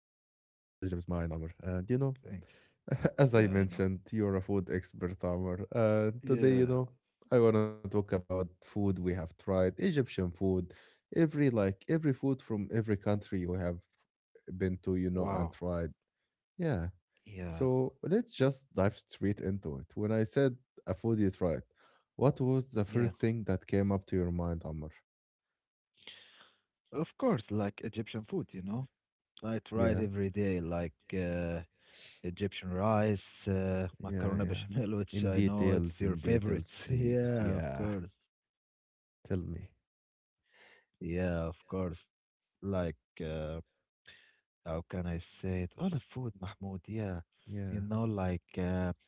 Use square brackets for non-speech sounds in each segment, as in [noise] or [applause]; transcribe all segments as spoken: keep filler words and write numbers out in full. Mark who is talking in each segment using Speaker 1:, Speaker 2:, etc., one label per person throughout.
Speaker 1: is mine, Amr. And you know, [laughs] as I mentioned,
Speaker 2: Thank
Speaker 1: you're a food
Speaker 2: you. Yeah,
Speaker 1: expert,
Speaker 2: I know.
Speaker 1: Amr. And today, you know, I want to talk about
Speaker 2: Yeah.
Speaker 1: food we have tried, Egyptian food, every like every food from every country you have been to, you know, and tried.
Speaker 2: Wow.
Speaker 1: Yeah. So let's
Speaker 2: Yeah.
Speaker 1: just dive straight into it. When I said a food you tried, what was the first thing that came up to
Speaker 2: Yeah.
Speaker 1: your mind, Amr?
Speaker 2: Of course, like Egyptian food, you know. I
Speaker 1: Yeah,
Speaker 2: try it every day, like uh, Egyptian rice,
Speaker 1: yeah,
Speaker 2: uh,
Speaker 1: yeah.
Speaker 2: macaroni
Speaker 1: In
Speaker 2: bechamel, [laughs] which
Speaker 1: details,
Speaker 2: I
Speaker 1: in
Speaker 2: know it's
Speaker 1: details,
Speaker 2: your
Speaker 1: please.
Speaker 2: favorite. [laughs]
Speaker 1: Yeah,
Speaker 2: Yeah, of course.
Speaker 1: tell me.
Speaker 2: Yeah, of course. Like uh, How can I say it? All the food, Mahmoud. Yeah, you
Speaker 1: Yeah,
Speaker 2: know, like uh,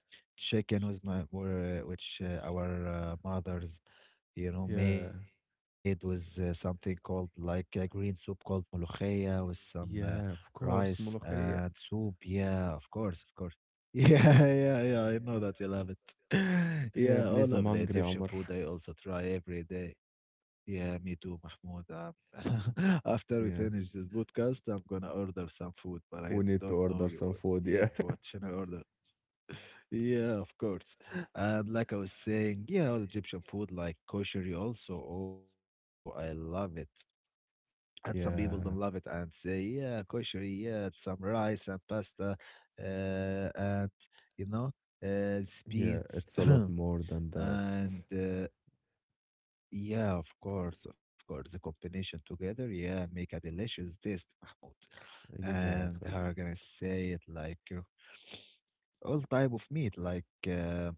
Speaker 2: chicken was my were uh, which uh, our uh, mothers, you know,
Speaker 1: yeah,
Speaker 2: made with uh, something called like a green soup called molokhia with some uh,
Speaker 1: yeah, of
Speaker 2: rice
Speaker 1: course, ملوخية.
Speaker 2: and soup. Yeah, of course, of course. [laughs] Yeah, yeah, yeah. I know that you love it. [laughs]
Speaker 1: Yeah,
Speaker 2: Yeah,
Speaker 1: please.
Speaker 2: all
Speaker 1: I'm
Speaker 2: of the
Speaker 1: hungry,
Speaker 2: Egyptian
Speaker 1: Amr.
Speaker 2: food I also try every day. Yeah, me too, Mahmoud. Um, [laughs] after we
Speaker 1: Yeah,
Speaker 2: finish this podcast, I'm gonna order some food, but
Speaker 1: we
Speaker 2: I
Speaker 1: need to
Speaker 2: don't
Speaker 1: order
Speaker 2: know
Speaker 1: some
Speaker 2: y-
Speaker 1: food. Yeah,
Speaker 2: yet what should I order. Yeah, of course. And like I was saying, yeah, all Egyptian food like kosheri also. Oh, I love it. And some people
Speaker 1: [laughs]
Speaker 2: don't love it
Speaker 1: yeah,
Speaker 2: and say, yeah, kosheri, yeah, it's some rice and pasta, uh, and you know, uh,
Speaker 1: yeah.
Speaker 2: beans
Speaker 1: It's a lot more than
Speaker 2: [clears throat]
Speaker 1: that.
Speaker 2: and uh, Yeah, of course, of course. The combination together, yeah, make a delicious taste, Mahmoud.
Speaker 1: Exactly.
Speaker 2: And how I gonna say it like uh, all type of meat, like uh,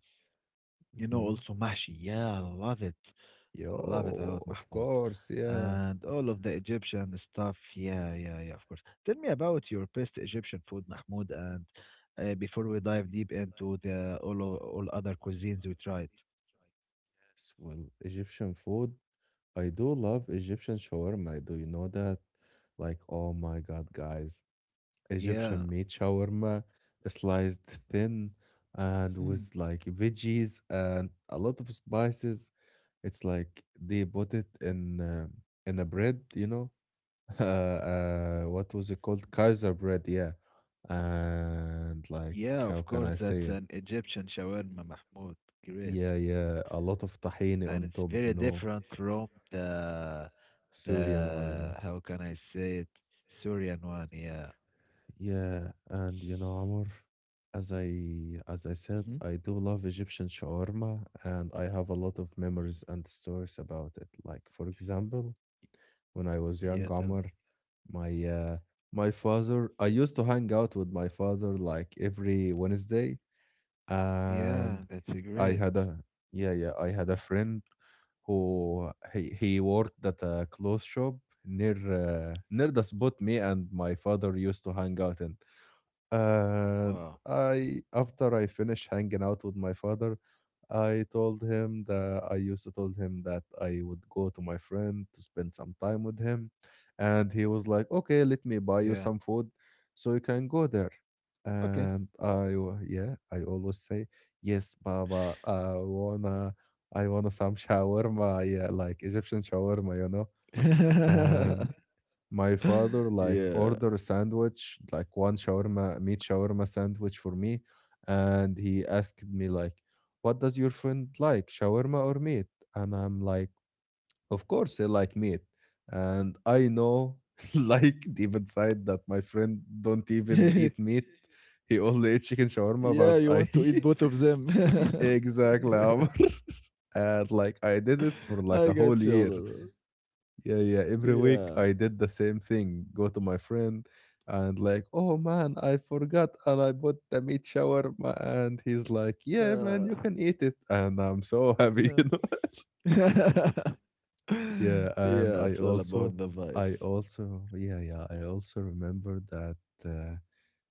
Speaker 2: you know,
Speaker 1: Mm-hmm.
Speaker 2: also mashi. Yeah, I love it, I love it a lot,
Speaker 1: Yo, of
Speaker 2: Mahmoud.
Speaker 1: course, yeah.
Speaker 2: And all of the Egyptian stuff. Yeah, yeah, yeah, of course. Tell me about your best Egyptian food, Mahmoud. And uh, before we dive deep into the all o- all other cuisines we tried.
Speaker 1: Yes, well, Egyptian food. I do love Egyptian shawarma. Do you know that? Like, oh my God, guys.
Speaker 2: Yeah.
Speaker 1: Egyptian meat shawarma, sliced thin
Speaker 2: Hmm.
Speaker 1: and with like veggies and a lot of spices. It's like they put it in uh, in a bread, you know? [laughs] Uh, uh, what was it called? Kaiser bread, yeah. And
Speaker 2: Yeah,
Speaker 1: like,
Speaker 2: of
Speaker 1: how
Speaker 2: course,
Speaker 1: can
Speaker 2: that's
Speaker 1: I
Speaker 2: an
Speaker 1: say it?
Speaker 2: Egyptian shawarma, Mahmoud. Great.
Speaker 1: Yeah, yeah, a lot of
Speaker 2: And
Speaker 1: tahini
Speaker 2: it's
Speaker 1: on
Speaker 2: very
Speaker 1: top, you
Speaker 2: different
Speaker 1: know,
Speaker 2: from the
Speaker 1: Syrian
Speaker 2: the
Speaker 1: one,
Speaker 2: how
Speaker 1: yeah.
Speaker 2: can I say it? Syrian one, yeah.
Speaker 1: Yeah, and you know, Amr, as I as I said,
Speaker 2: Hmm.
Speaker 1: I do love Egyptian shawarma, and I have a lot of memories
Speaker 2: Mm.
Speaker 1: and stories about it. Like for example, when I was young,
Speaker 2: Yeah,
Speaker 1: Amr,
Speaker 2: tell me.
Speaker 1: my uh my father, I used to hang out with my father like every Wednesday, and
Speaker 2: Yeah,
Speaker 1: I
Speaker 2: that's a
Speaker 1: had a
Speaker 2: great.
Speaker 1: yeah, yeah, I had a friend who he, he worked at a clothes shop near uh, near the spot me and my father used to hang out in. And
Speaker 2: Wow.
Speaker 1: I, after I finish hanging out with my father, I told him that I used to told him that I would go to my friend to spend some time with him, and he was like, "Okay,
Speaker 2: Yeah.
Speaker 1: let me buy you some food, so you can go there."
Speaker 2: Okay.
Speaker 1: And I, wa- yeah, I always say, "Yes, Baba, I wanna, I wanna some [laughs] shawarma, yeah, like Egyptian shawarma, you know."
Speaker 2: [laughs]
Speaker 1: And my
Speaker 2: Yeah.
Speaker 1: father like order a sandwich, like one shawarma, meat shawarma sandwich for me, and he asked me like, "What does your friend like, shawarma or meat?" And I'm like, "Of course, he like meat." And I know, [laughs] like deep inside, that my friend
Speaker 2: [laughs]
Speaker 1: don't even eat meat. He only
Speaker 2: Yeah,
Speaker 1: eat
Speaker 2: you
Speaker 1: chicken
Speaker 2: want to eat
Speaker 1: shawarma,
Speaker 2: both
Speaker 1: but
Speaker 2: of
Speaker 1: I
Speaker 2: them.
Speaker 1: [laughs] exactly. Omar. [laughs] And like I
Speaker 2: [laughs]
Speaker 1: did
Speaker 2: I
Speaker 1: it for
Speaker 2: got
Speaker 1: like a whole
Speaker 2: you.
Speaker 1: year. Yeah, yeah. Every
Speaker 2: Yeah.
Speaker 1: week I did the same thing. Go to my friend, and like, oh man, I forgot and I bought the meat shawarma. And he's like, yeah,
Speaker 2: Uh,
Speaker 1: man, you can eat it. And I'm so happy, [laughs]
Speaker 2: yeah.
Speaker 1: you know.
Speaker 2: [laughs]
Speaker 1: Yeah, and
Speaker 2: Yeah,
Speaker 1: I
Speaker 2: it's all
Speaker 1: also,
Speaker 2: about the
Speaker 1: I
Speaker 2: vibes.
Speaker 1: also, yeah, yeah, I also remember that uh,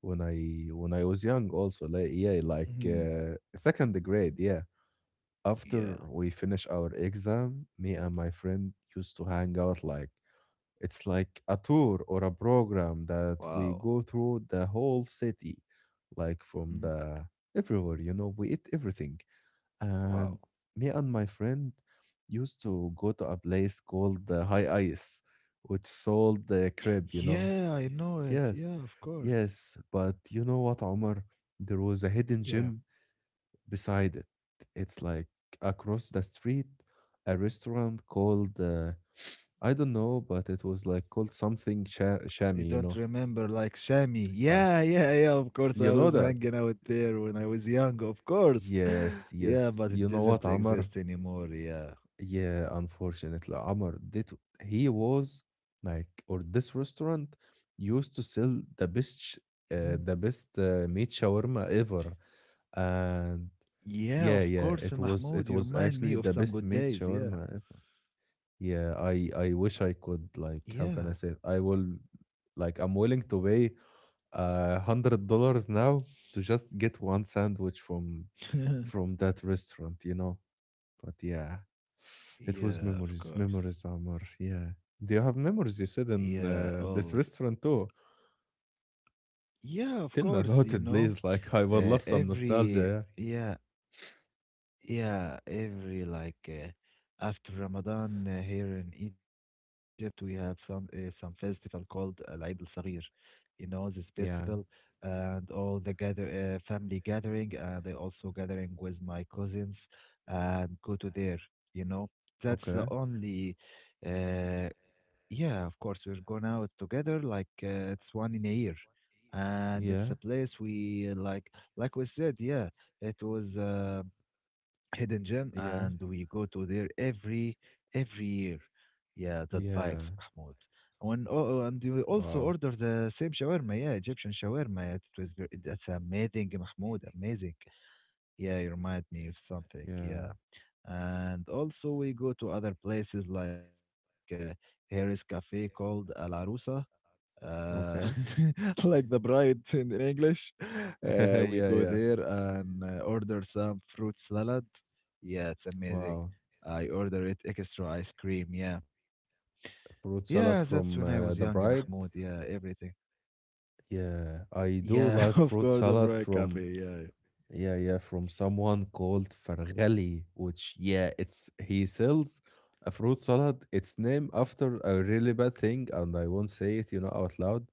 Speaker 1: when I when I was young, also, like, yeah, like
Speaker 2: Mhm.
Speaker 1: uh, second grade, yeah. After
Speaker 2: Yeah.
Speaker 1: we finish our exam, me and my friend used to hang out like
Speaker 2: Mm.
Speaker 1: it's like a tour or a program that we go
Speaker 2: Wow.
Speaker 1: through the whole city, like from the
Speaker 2: Mm.
Speaker 1: everywhere, you know, we eat everything. And
Speaker 2: Wow.
Speaker 1: me and my friend used to go to a place called the High Ice, which sold the crab, you know.
Speaker 2: Yeah, I know it.
Speaker 1: Yes,
Speaker 2: Yeah, of course.
Speaker 1: yes, but you know what, Omar? There was a hidden gym
Speaker 2: Yeah.
Speaker 1: beside it. It's like across the street, a restaurant called uh, I don't know, but it was like called something
Speaker 2: I
Speaker 1: cha
Speaker 2: don't
Speaker 1: Shami, you
Speaker 2: remember
Speaker 1: know.
Speaker 2: like Shami. Yeah,
Speaker 1: Uh,
Speaker 2: yeah, yeah. Of course, I
Speaker 1: you
Speaker 2: was
Speaker 1: know that?
Speaker 2: hanging out there when I was young. Of course. [laughs]
Speaker 1: Yes,
Speaker 2: Yeah,
Speaker 1: yes.
Speaker 2: but it
Speaker 1: You know what,
Speaker 2: doesn't
Speaker 1: Amr? Does
Speaker 2: exist anymore. Yeah.
Speaker 1: Yeah, unfortunately, Amr did. He was like, or this restaurant used to sell the
Speaker 2: Mhm.
Speaker 1: best, sh- uh, the best uh, meat shawarma ever, and
Speaker 2: Yeah, of course,
Speaker 1: yeah, yeah, it
Speaker 2: Mahmoud.
Speaker 1: Yeah.
Speaker 2: You
Speaker 1: was, it
Speaker 2: remind
Speaker 1: was
Speaker 2: me of
Speaker 1: actually
Speaker 2: some
Speaker 1: the
Speaker 2: good
Speaker 1: best
Speaker 2: days.
Speaker 1: meat
Speaker 2: Yeah.
Speaker 1: shawarma ever. Yeah, I I wish I
Speaker 2: Yeah.
Speaker 1: could, like how can I say it? I will like I'm willing to pay a hundred dollars now to just get one sandwich from
Speaker 2: [laughs]
Speaker 1: from that restaurant, you know. But yeah, [sighs]
Speaker 2: yeah,
Speaker 1: it
Speaker 2: of
Speaker 1: was memories,
Speaker 2: course.
Speaker 1: memories, Amar. Yeah. Do you have memories you said
Speaker 2: Yeah,
Speaker 1: in uh,
Speaker 2: Olive.
Speaker 1: this restaurant too?
Speaker 2: Yeah, of
Speaker 1: Tell me
Speaker 2: course, you
Speaker 1: about it,
Speaker 2: know,
Speaker 1: please. Like I
Speaker 2: uh,
Speaker 1: would love some
Speaker 2: every,
Speaker 1: nostalgia.
Speaker 2: yeah, Yeah, every like uh, after Ramadan uh, here in Egypt, we have some uh, some festival called Al Eid Al Saghir. You know this festival
Speaker 1: Yeah. Yeah.
Speaker 2: and all the gather uh, family gathering, and I also gathering with my cousins and go to there. You know that's
Speaker 1: Okay.
Speaker 2: the only. Uh, yeah, of course we're going out together. Like uh, it's one in a year, and it's a
Speaker 1: Yeah.
Speaker 2: place we uh, like like we said. Yeah, it was. Uh, hidden gem
Speaker 1: Yeah.
Speaker 2: and we go to there every every year, yeah, that
Speaker 1: Yeah.
Speaker 2: vibes, Mahmoud, when oh oh, and we also
Speaker 1: Wow.
Speaker 2: order the same shawarma, yeah, Egyptian shawarma, it was very, that's amazing, Mahmoud, amazing, yeah, you remind me of something,
Speaker 1: Yeah.
Speaker 2: yeah. And also we go to other places like uh, here is cafe called al arusa uh,
Speaker 1: Okay.
Speaker 2: [laughs] like the bride in, in English.
Speaker 1: [laughs]
Speaker 2: Uh, we
Speaker 1: Yeah,
Speaker 2: go
Speaker 1: yeah.
Speaker 2: there and uh, order some fruit salad. Yeah, it's amazing.
Speaker 1: Wow.
Speaker 2: I order it extra ice cream. Yeah, yeah,
Speaker 1: Fruit
Speaker 2: that's when
Speaker 1: salad
Speaker 2: I was
Speaker 1: from
Speaker 2: young,
Speaker 1: uh, The
Speaker 2: Mahmoud.
Speaker 1: Bride.
Speaker 2: Yeah, everything.
Speaker 1: Yeah, I do
Speaker 2: Yeah, [laughs]
Speaker 1: love
Speaker 2: of
Speaker 1: fruit
Speaker 2: course, a
Speaker 1: salad
Speaker 2: bright
Speaker 1: from
Speaker 2: coffee. Yeah,
Speaker 1: yeah, yeah, from someone called Farghali, which yeah, it's he sells a fruit salad. It's named after a really bad thing, and I won't say it, you know, out loud.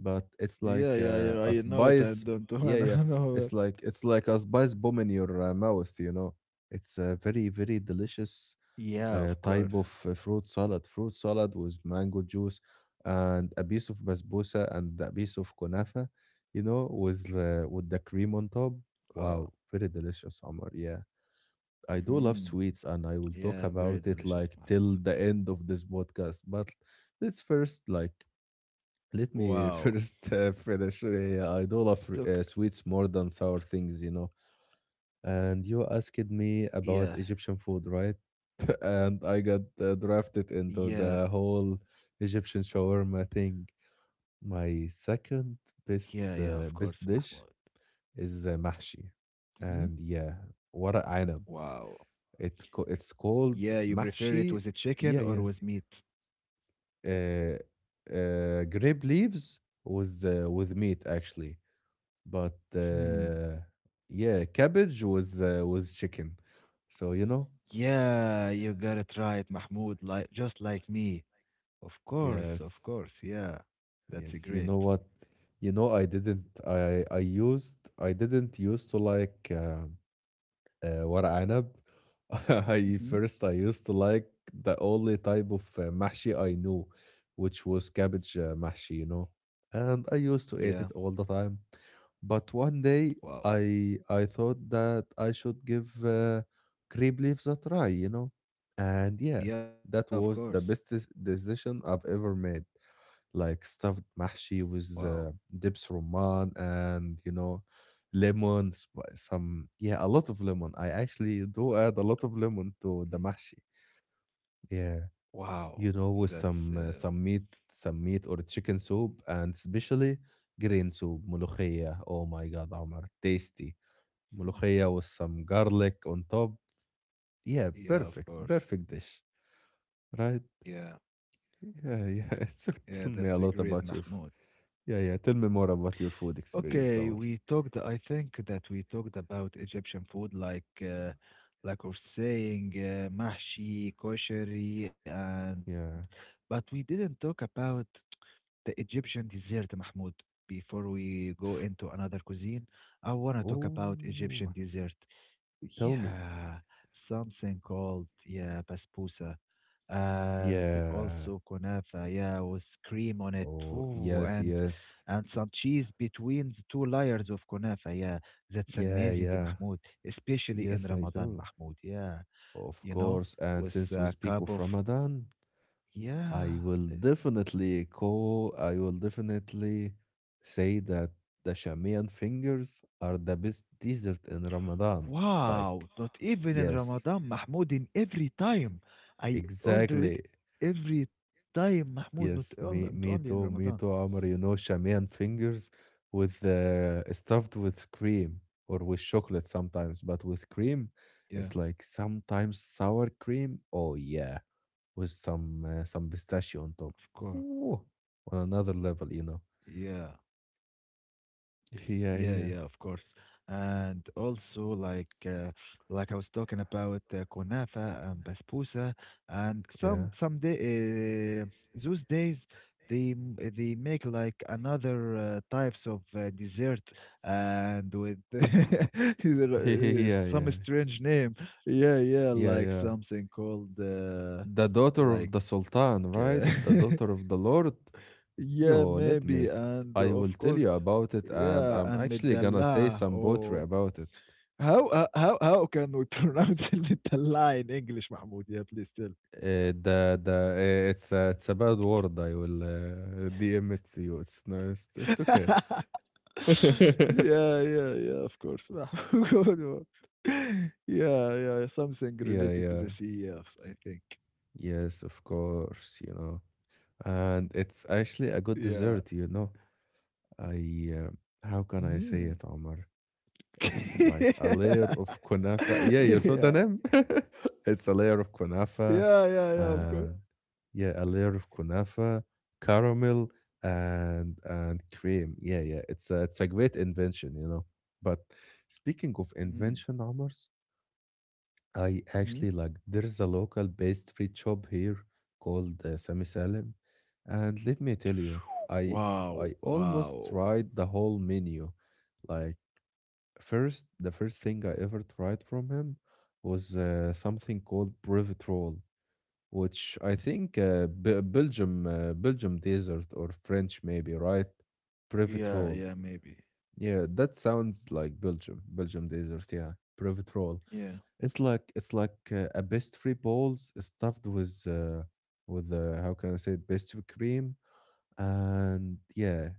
Speaker 1: But it's
Speaker 2: yeah, yeah,
Speaker 1: like
Speaker 2: yeah. I
Speaker 1: uh, a
Speaker 2: know it. I don't
Speaker 1: spice.
Speaker 2: wanna [laughs]
Speaker 1: Yeah,
Speaker 2: know
Speaker 1: yeah.
Speaker 2: it.
Speaker 1: It's like it's like a spice bomb in your uh, mouth. You know, it's a very very
Speaker 2: Yeah,
Speaker 1: delicious
Speaker 2: of course.
Speaker 1: uh, type of uh, fruit salad, fruit salad with mango juice and a piece of basbousa and a piece of kunafa, you know, with uh, with the cream on
Speaker 2: Oh,
Speaker 1: top. Wow, very delicious, Omar. Yeah,
Speaker 2: mm,
Speaker 1: I do love
Speaker 2: yeah,
Speaker 1: sweets,
Speaker 2: very
Speaker 1: and I
Speaker 2: delicious,
Speaker 1: will talk
Speaker 2: Mahmoud.
Speaker 1: about it like till the end of this podcast. But let's first like
Speaker 2: Wow,
Speaker 1: let me [laughs] first uh, finish.
Speaker 2: took.
Speaker 1: Yeah, I do love uh, sweets more than sour things, you know. And you
Speaker 2: Yeah,
Speaker 1: asked me about Egyptian food, right? [laughs] And I got uh,
Speaker 2: yeah.
Speaker 1: drafted into the whole Egyptian shawarma thing. My second
Speaker 2: Yeah, yeah, of
Speaker 1: best
Speaker 2: course,
Speaker 1: uh,
Speaker 2: Mahmoud.
Speaker 1: best dish is uh, mahshi,
Speaker 2: Hmm.
Speaker 1: and yeah, what a anab.
Speaker 2: Wow.
Speaker 1: It co- it's
Speaker 2: Yeah,
Speaker 1: called
Speaker 2: you prefer it with a
Speaker 1: mahshi.
Speaker 2: chicken or
Speaker 1: Yeah,
Speaker 2: with
Speaker 1: yeah.
Speaker 2: meat?
Speaker 1: Uh, uh, Grape leaves was uh, with meat actually, but
Speaker 2: Hmm.
Speaker 1: uh, yeah, cabbage was uh, was chicken. So you know,
Speaker 2: Yeah, you got it right, Mahmoud. Like just like me. Of course, of
Speaker 1: yes.
Speaker 2: course. Yeah, that's a
Speaker 1: Yes, you
Speaker 2: great.
Speaker 1: know what? You know, I didn't. I I used. I didn't used to like uh, uh, ورق عنب. [laughs] I
Speaker 2: Hmm.
Speaker 1: first I used to like the only type of uh, محشي I knew, which was cabbage uh, محشي. You know, and I used to
Speaker 2: Yeah.
Speaker 1: eat it all the time. But one day
Speaker 2: Wow.
Speaker 1: I I thought that I should give uh, grape leaves a try. You know, and yeah,
Speaker 2: Yeah, of
Speaker 1: that
Speaker 2: course.
Speaker 1: was the best dec- decision I've ever made, like stuffed
Speaker 2: Wow.
Speaker 1: mahshi with uh, dips rumman, and you know, lemon sp- some, yeah, a lot of lemon. I actually do add a lot of
Speaker 2: Mm.
Speaker 1: lemon to the mahshi, yeah,
Speaker 2: Wow.
Speaker 1: you know,
Speaker 2: That's
Speaker 1: with
Speaker 2: uh,
Speaker 1: some uh, some meat, some meat or chicken soup, and especially green soup ملوخية. Oh my god, Omar, tasty
Speaker 2: Mm.
Speaker 1: ملوخية with some garlic on top, yeah,
Speaker 2: yeah, of
Speaker 1: perfect
Speaker 2: course.
Speaker 1: perfect dish, right?
Speaker 2: Yeah,
Speaker 1: Yeah, yeah. [laughs] So
Speaker 2: yeah,
Speaker 1: tell me
Speaker 2: that's a
Speaker 1: a lot
Speaker 2: great,
Speaker 1: about your f-
Speaker 2: Mahmoud.
Speaker 1: yeah, yeah, tell me more about your food experience,
Speaker 2: Okay,
Speaker 1: Omar.
Speaker 2: we talked, I think that we talked about Egyptian food like uh, like we're saying uh, mahshi, kosheri, and but
Speaker 1: Yeah.
Speaker 2: we didn't talk about the Egyptian dessert, Mahmoud. Before we go into another cuisine, I want to talk about Egyptian
Speaker 1: Oh,
Speaker 2: dessert.
Speaker 1: tell me.
Speaker 2: Yeah, something called, yeah, basbousa and also
Speaker 1: Yeah.
Speaker 2: kunafa, yeah, with cream on it.
Speaker 1: Oh,
Speaker 2: Ooh, and
Speaker 1: yes, yes.
Speaker 2: and some cheese between the two layers of kunafa. Yeah, that's
Speaker 1: Yeah,
Speaker 2: amazing,
Speaker 1: yeah.
Speaker 2: Mahmoud, especially in
Speaker 1: Yes, I
Speaker 2: Ramadan,
Speaker 1: do.
Speaker 2: Mahmoud. Yeah,
Speaker 1: Of
Speaker 2: you know,
Speaker 1: course. And
Speaker 2: with
Speaker 1: since we
Speaker 2: a
Speaker 1: speak
Speaker 2: cup
Speaker 1: of
Speaker 2: of
Speaker 1: Ramadan, I
Speaker 2: yeah.
Speaker 1: will
Speaker 2: th-
Speaker 1: definitely call, I will definitely say that the Shamian fingers are the best dessert in Ramadan. Like,
Speaker 2: Wow, not even in
Speaker 1: yes,
Speaker 2: Ramadan, Mahmoud, in every time. I order it
Speaker 1: exactly.
Speaker 2: every time, Mahmoud, not on- not only
Speaker 1: Yes,
Speaker 2: in
Speaker 1: me
Speaker 2: Ramadan.
Speaker 1: me too, me too, Amr. You know, Shamian fingers with uh, stuffed with cream or with chocolate sometimes, but with cream,
Speaker 2: Yeah,
Speaker 1: it's like sometimes sour cream. Oh yeah, with some uh,
Speaker 2: of
Speaker 1: some
Speaker 2: course.
Speaker 1: pistachio on top. Ooh, on another level, you
Speaker 2: Yeah.
Speaker 1: know.
Speaker 2: Yeah, yeah, of
Speaker 1: Yeah, yeah.
Speaker 2: course. And also like uh, like I was talking about uh, kunafa and basbousa and some
Speaker 1: Yeah.
Speaker 2: some day uh, those days they m- they make like another uh, types of uh, dessert and with
Speaker 1: [laughs]
Speaker 2: [laughs] uh,
Speaker 1: Yeah,
Speaker 2: some
Speaker 1: yeah.
Speaker 2: strange name. Yeah, yeah,
Speaker 1: Yeah,
Speaker 2: like
Speaker 1: yeah.
Speaker 2: something called uh,
Speaker 1: The daughter of the
Speaker 2: like uh,
Speaker 1: Sultan,
Speaker 2: [laughs]
Speaker 1: right? The daughter of the Lord.
Speaker 2: yeah,
Speaker 1: Yo,
Speaker 2: maybe
Speaker 1: let me.
Speaker 2: and of
Speaker 1: I
Speaker 2: course
Speaker 1: will tell you about it,
Speaker 2: yeah,
Speaker 1: and
Speaker 2: and
Speaker 1: I'm actually gonna
Speaker 2: المدلعة
Speaker 1: say some
Speaker 2: Oh,
Speaker 1: poetry about it.
Speaker 2: how uh, how how can we pronounce [laughs] المدلعة in English, Mahmoud? Yeah, please tell.
Speaker 1: Uh, the the uh, it's a, it's a bad word. I will uh, D M it to you. It's no,
Speaker 2: [laughs]
Speaker 1: it's, it's okay.
Speaker 2: yeah, yeah,
Speaker 1: [laughs]
Speaker 2: yeah. [laughs] Of course, Mahmoud. [laughs] yeah, yeah. Something related to the
Speaker 1: Yeah, yeah,
Speaker 2: C E Fs, I think.
Speaker 1: yes, of course. You know, and
Speaker 2: Yeah.
Speaker 1: it's actually a good dessert. You know, I uh,
Speaker 2: Hmm.
Speaker 1: how can I say it, Omar? It's
Speaker 2: [laughs]
Speaker 1: like a layer of
Speaker 2: yeah.
Speaker 1: kunafa. Yeah, you saw the name. [laughs] It's a layer of
Speaker 2: Yeah, yeah, yeah. [laughs]
Speaker 1: kunafa.
Speaker 2: Of course.
Speaker 1: uh, Yeah, a layer of kunafa, caramel, and and cream. Yeah, yeah, it's a, it's a great invention, you know. But speaking of
Speaker 2: Mm-hmm.
Speaker 1: invention, Amars, I actually like there's a local pastry shop here called uh, Sami Salim, and let me tell you, I I
Speaker 2: Wow,
Speaker 1: almost
Speaker 2: wow.
Speaker 1: tried the whole menu. Like first, the first thing I ever tried from him was uh, something called brevet, which I think uh, B- Belgium, uh, Belgium desert or French maybe, right? Privet roll.
Speaker 2: Yeah, yeah. Maybe.
Speaker 1: Yeah, that sounds like Belgium, Belgium desert. Yeah, privet roll. It's
Speaker 2: Yeah.
Speaker 1: like it's like uh, a pastry balls stuffed with uh, with uh, how can I say it, pastry cream, and yeah,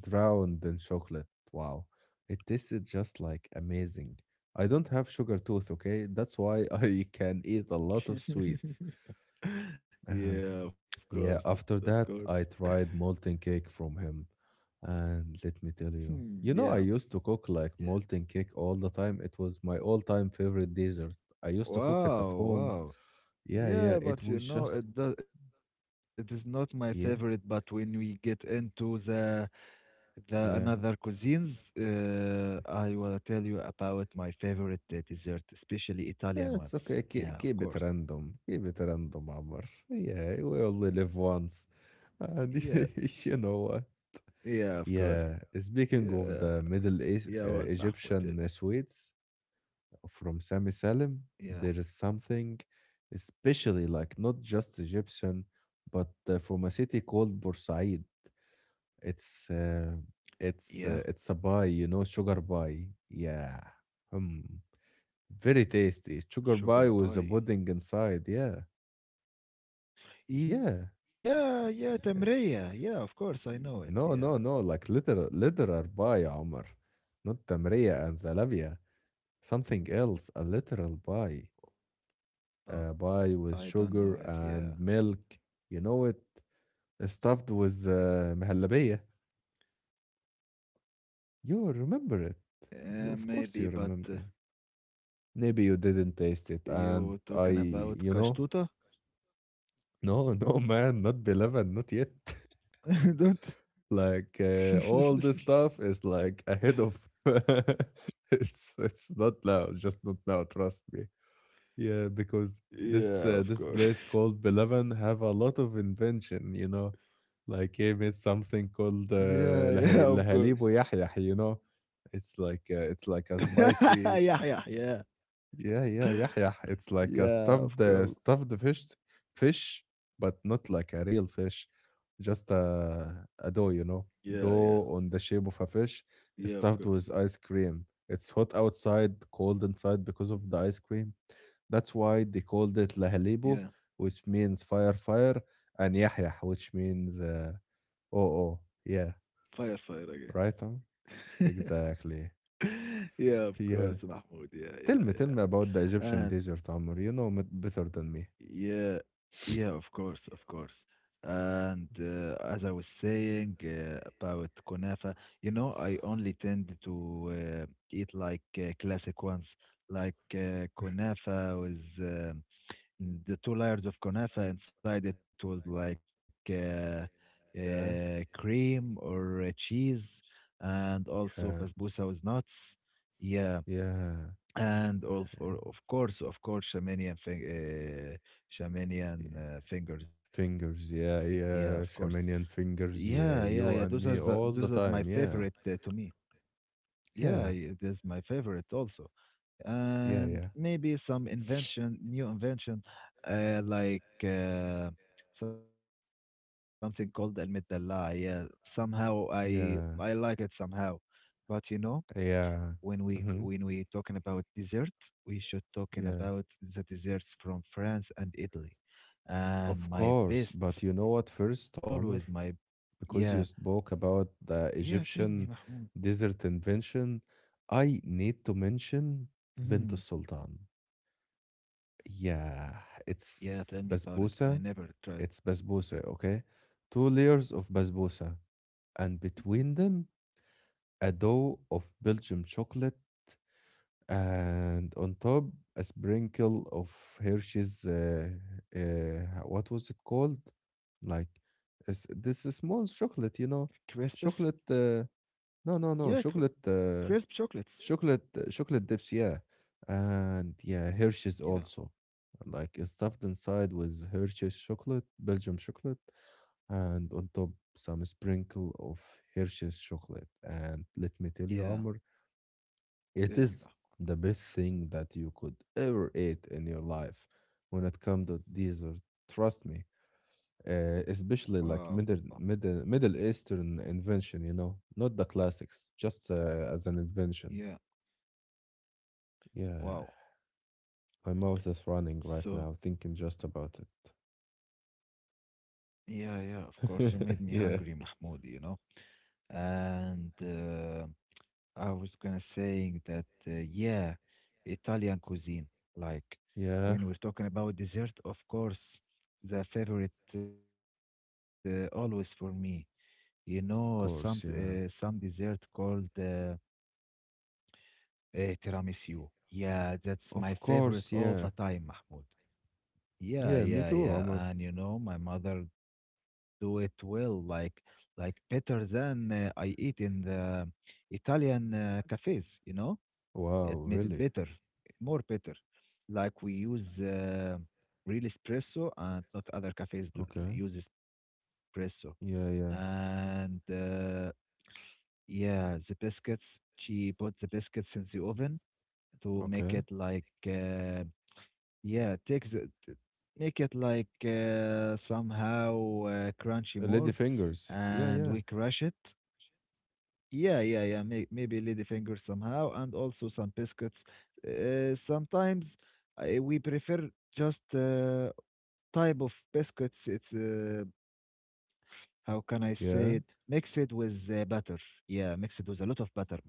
Speaker 1: drowned in chocolate. Wow, it tasted just like amazing. I don't have sugar tooth, okay? That's why [laughs] I can eat a lot of sweets.
Speaker 2: [laughs]
Speaker 1: Um,
Speaker 2: Yeah, of
Speaker 1: yeah,
Speaker 2: course, of
Speaker 1: after that,
Speaker 2: course. [laughs]
Speaker 1: I tried molten cake from him. And let me tell you,
Speaker 2: Hmm,
Speaker 1: you
Speaker 2: yeah,
Speaker 1: know, I used to cook like
Speaker 2: yeah.
Speaker 1: molten cake all the time. It was my all time favorite dessert. I used to cook it at
Speaker 2: Wow,
Speaker 1: home.
Speaker 2: wow.
Speaker 1: Yeah, yeah,
Speaker 2: Yeah,
Speaker 1: it
Speaker 2: but you
Speaker 1: was
Speaker 2: know,
Speaker 1: just,
Speaker 2: it does, it is not my favorite, but when
Speaker 1: yeah,
Speaker 2: we get into the the another
Speaker 1: yeah.
Speaker 2: cuisines, uh, I will tell you about my favorite uh, dessert, especially
Speaker 1: Eh,
Speaker 2: Italian
Speaker 1: it's okay.
Speaker 2: ones.
Speaker 1: Keep,
Speaker 2: Yeah,
Speaker 1: keep
Speaker 2: of
Speaker 1: it
Speaker 2: course.
Speaker 1: random. Keep it random, Amr. Yeah, we only live once.
Speaker 2: Yeah,
Speaker 1: And [laughs] you know what?
Speaker 2: yeah, of course.
Speaker 1: Yeah,
Speaker 2: Yeah,
Speaker 1: speaking of the
Speaker 2: yeah,
Speaker 1: Middle
Speaker 2: what,
Speaker 1: East,
Speaker 2: Mahmoud?
Speaker 1: uh,
Speaker 2: Tell me.
Speaker 1: Egyptian sweets, from Sami Salim,
Speaker 2: Yeah,
Speaker 1: there is something especially like not just Egyptian, but uh, from a city called Bursaid. It's uh, it's uh,
Speaker 2: yeah,
Speaker 1: it's a pie, you know, sugar pie. Yeah, mm. very tasty. Sugar pie with a
Speaker 2: sugar
Speaker 1: pudding
Speaker 2: pie.
Speaker 1: inside. Yeah, yeah,
Speaker 2: Yeah, yeah,
Speaker 1: yeah.
Speaker 2: Tamriya. Yeah, of course, I know it.
Speaker 1: No, no,
Speaker 2: Yeah.
Speaker 1: no. Like literal, literal pie, Omar, not tamriya and zalabia. Something else, a literal pie. Uh,
Speaker 2: No,
Speaker 1: pie with
Speaker 2: I
Speaker 1: sugar
Speaker 2: don't know it.
Speaker 1: and
Speaker 2: Yeah.
Speaker 1: milk. You know it, uh, stuffed with uh, مهلبية. You remember it.
Speaker 2: Uh,
Speaker 1: You of
Speaker 2: maybe,
Speaker 1: course
Speaker 2: but
Speaker 1: you
Speaker 2: uh,
Speaker 1: remember it. Maybe you didn't taste it,
Speaker 2: you
Speaker 1: and
Speaker 2: talking
Speaker 1: I,
Speaker 2: about
Speaker 1: you know,
Speaker 2: Kashtuta?
Speaker 1: [laughs] No, no, man, not beleven, not yet.
Speaker 2: [laughs] Don't.
Speaker 1: [laughs] Like uh, all this
Speaker 2: [laughs]
Speaker 1: stuff is like ahead of. [laughs] it's it's not now, just not now. Trust me. Yeah, because
Speaker 2: Yeah,
Speaker 1: this
Speaker 2: of
Speaker 1: uh, this
Speaker 2: course.
Speaker 1: place called Belavan have a lot of invention, you know. Like he made
Speaker 2: [laughs]
Speaker 1: something
Speaker 2: Yeah,
Speaker 1: called
Speaker 2: yeah, of course.
Speaker 1: uh, لهي- لهاليب ويحيح, you know. It's like uh, it's like
Speaker 2: [laughs]
Speaker 1: a
Speaker 2: Yeah, yeah,
Speaker 1: spicy,
Speaker 2: yeah.
Speaker 1: yeah, yeah, yeah, yeah. It's
Speaker 2: Yeah, of
Speaker 1: like a
Speaker 2: course.
Speaker 1: stuffed uh, stuffed fish, fish, but not like a real fish, just a a dough,
Speaker 2: Yeah,
Speaker 1: you
Speaker 2: yeah.
Speaker 1: know, dough on the shape of a
Speaker 2: Yeah, of
Speaker 1: fish,
Speaker 2: course.
Speaker 1: stuffed with ice cream. It's hot outside, cold inside because of the ice cream. That's why they called
Speaker 2: Yeah.
Speaker 1: it lahalibo, which means fire, fire, and yahya, which means uh, oh, oh,
Speaker 2: Fire,
Speaker 1: yeah,
Speaker 2: fire
Speaker 1: right,
Speaker 2: again.
Speaker 1: Tom?
Speaker 2: [laughs]
Speaker 1: Exactly. [laughs]
Speaker 2: Yeah, of course, Mahmoud. Yeah,
Speaker 1: Yeah.
Speaker 2: yeah,
Speaker 1: Tell me, tell me about the
Speaker 2: yeah.
Speaker 1: Egyptian desert, Amr. You know it better than me.
Speaker 2: Yeah, yeah, of course, of course. And uh, as I was saying uh, about kunafa, you know, I only tend to uh, eat like uh, classic ones, like uh, kunafa with um, the two layers of kunafa inside it was like uh,
Speaker 1: Yeah,
Speaker 2: uh, cream or uh, cheese, and also
Speaker 1: yeah,
Speaker 2: basbousa was nuts. Yeah.
Speaker 1: yeah,
Speaker 2: And
Speaker 1: yeah,
Speaker 2: of, or, of course, of course, Shamanian, fing- uh,
Speaker 1: yeah.
Speaker 2: Shamanian uh,
Speaker 1: Fingers, yeah,
Speaker 2: fingers. Yeah,
Speaker 1: yeah.
Speaker 2: of course.
Speaker 1: Shamanian fingers, yeah.
Speaker 2: Yeah,
Speaker 1: You
Speaker 2: yeah, yeah.
Speaker 1: and
Speaker 2: Those
Speaker 1: me
Speaker 2: are the,
Speaker 1: all the
Speaker 2: those are
Speaker 1: time,
Speaker 2: my
Speaker 1: yeah,
Speaker 2: favorite uh, to me.
Speaker 1: yeah,
Speaker 2: Yeah, yeah, it is my favorite also.
Speaker 1: yeah, yeah,
Speaker 2: And maybe some invention, new invention, uh, like uh, something called Al Mitalla. Yeah, somehow I I like
Speaker 1: yeah,
Speaker 2: it somehow, but you know
Speaker 1: yeah.
Speaker 2: when we c-
Speaker 1: Mm-hmm.
Speaker 2: when we talking about desserts, we should talking
Speaker 1: Yeah,
Speaker 2: about the desserts from France and Italy.
Speaker 1: of
Speaker 2: And my
Speaker 1: course.
Speaker 2: best,
Speaker 1: But you know what?
Speaker 2: always
Speaker 1: First,
Speaker 2: my
Speaker 1: Tamer,
Speaker 2: yeah
Speaker 1: because you spoke about
Speaker 2: yeah.
Speaker 1: the
Speaker 2: Tell me, Mahmoud.
Speaker 1: Egyptian desert invention, I need to mention
Speaker 2: Mhm.
Speaker 1: Bint Sultan. Yeah,
Speaker 2: Yeah, tell
Speaker 1: it's
Speaker 2: me about it. I
Speaker 1: basbousa.
Speaker 2: never tried
Speaker 1: It's basbousa, okay? Two layers of basbousa,
Speaker 2: Mhm.
Speaker 1: and between them, a dough of Belgium chocolate, and on top, a sprinkle of Hershey's. Uh, uh, what was it called? Like, it's, this is small chocolate, you know?
Speaker 2: crisps.
Speaker 1: Chocolate. Uh, no, no, no.
Speaker 2: Yeah, cr
Speaker 1: Chocolate. Uh,
Speaker 2: crisp chocolates.
Speaker 1: chocolate uh, chocolate dips, yeah, and yeah, Hershey's also.
Speaker 2: Yeah,
Speaker 1: Like it's stuffed inside with Hershey's chocolate, Belgium chocolate, and on top some sprinkle of Hershey's chocolate. And let me tell you, Amr,
Speaker 2: yeah.
Speaker 1: it is the best
Speaker 2: Tell me,
Speaker 1: thing
Speaker 2: Mahmoud.
Speaker 1: that you could ever eat in your life when it comes to dessert. Trust me. Uh, especially like middle middle
Speaker 2: Wow.
Speaker 1: middle eastern invention, you know not the classics, just uh, as an invention.
Speaker 2: Yeah.
Speaker 1: Yeah.
Speaker 2: Wow.
Speaker 1: My mouth is running right now thinking just
Speaker 2: So
Speaker 1: about it.
Speaker 2: yeah, yeah. Of course, you made
Speaker 1: [laughs]
Speaker 2: me
Speaker 1: Yeah.
Speaker 2: hungry, Mahmoud. You know, and. Uh, I was gonna saying that, uh, yeah, Italian cuisine. Like
Speaker 1: Yeah.
Speaker 2: when we're talking about dessert, of course, the favorite uh, always for me. You know, some
Speaker 1: Of
Speaker 2: uh,
Speaker 1: course,
Speaker 2: some
Speaker 1: yeah.
Speaker 2: dessert called uh, uh, tiramisu. Yeah, that's my
Speaker 1: Of
Speaker 2: favorite
Speaker 1: course,
Speaker 2: all
Speaker 1: yeah.
Speaker 2: the time, Mahmoud.
Speaker 1: Yeah,
Speaker 2: Yeah,
Speaker 1: me
Speaker 2: yeah,
Speaker 1: too,
Speaker 2: yeah.
Speaker 1: Omar.
Speaker 2: And you know, my mother do it well, like like better than uh, I eat in the Italian uh, cafes. You know. It
Speaker 1: Wow,
Speaker 2: made it
Speaker 1: really?
Speaker 2: better, more better. Like we use uh, real espresso and not other cafes do,
Speaker 1: Okay.
Speaker 2: use espresso.
Speaker 1: Yeah, yeah.
Speaker 2: And uh, yeah, the biscuits, she put the biscuits in the oven to make
Speaker 1: Okay.
Speaker 2: it like, uh, yeah, take the, t- make it like uh, somehow uh, crunchy
Speaker 1: Uh, Lady
Speaker 2: more.
Speaker 1: fingers. Yeah,
Speaker 2: And
Speaker 1: yeah.
Speaker 2: we crush it yeah, yeah, yeah. May maybe ladyfinger somehow, and also some biscuits. Uh, sometimes I, we prefer just uh, type of biscuits. It's uh, how can I say it?
Speaker 1: Yeah.
Speaker 2: Mix it with uh, butter. Yeah, mix it with a lot of butter, Mahmoud.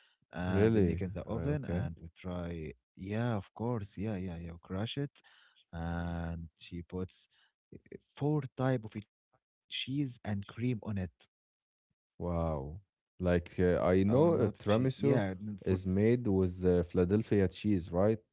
Speaker 2: And we make in
Speaker 1: Really?
Speaker 2: the oven,
Speaker 1: Uh, okay.
Speaker 2: and we try. Yeah, of course. Yeah, yeah, yeah. Crush it, and she puts uh, four type of cheese and cream on it.
Speaker 1: Wow. Like
Speaker 2: Or
Speaker 1: uh, I
Speaker 2: not
Speaker 1: know
Speaker 2: cheese.
Speaker 1: uh,
Speaker 2: Yeah, n-
Speaker 1: tiramisu
Speaker 2: four
Speaker 1: is made with uh, Philadelphia cheese, right?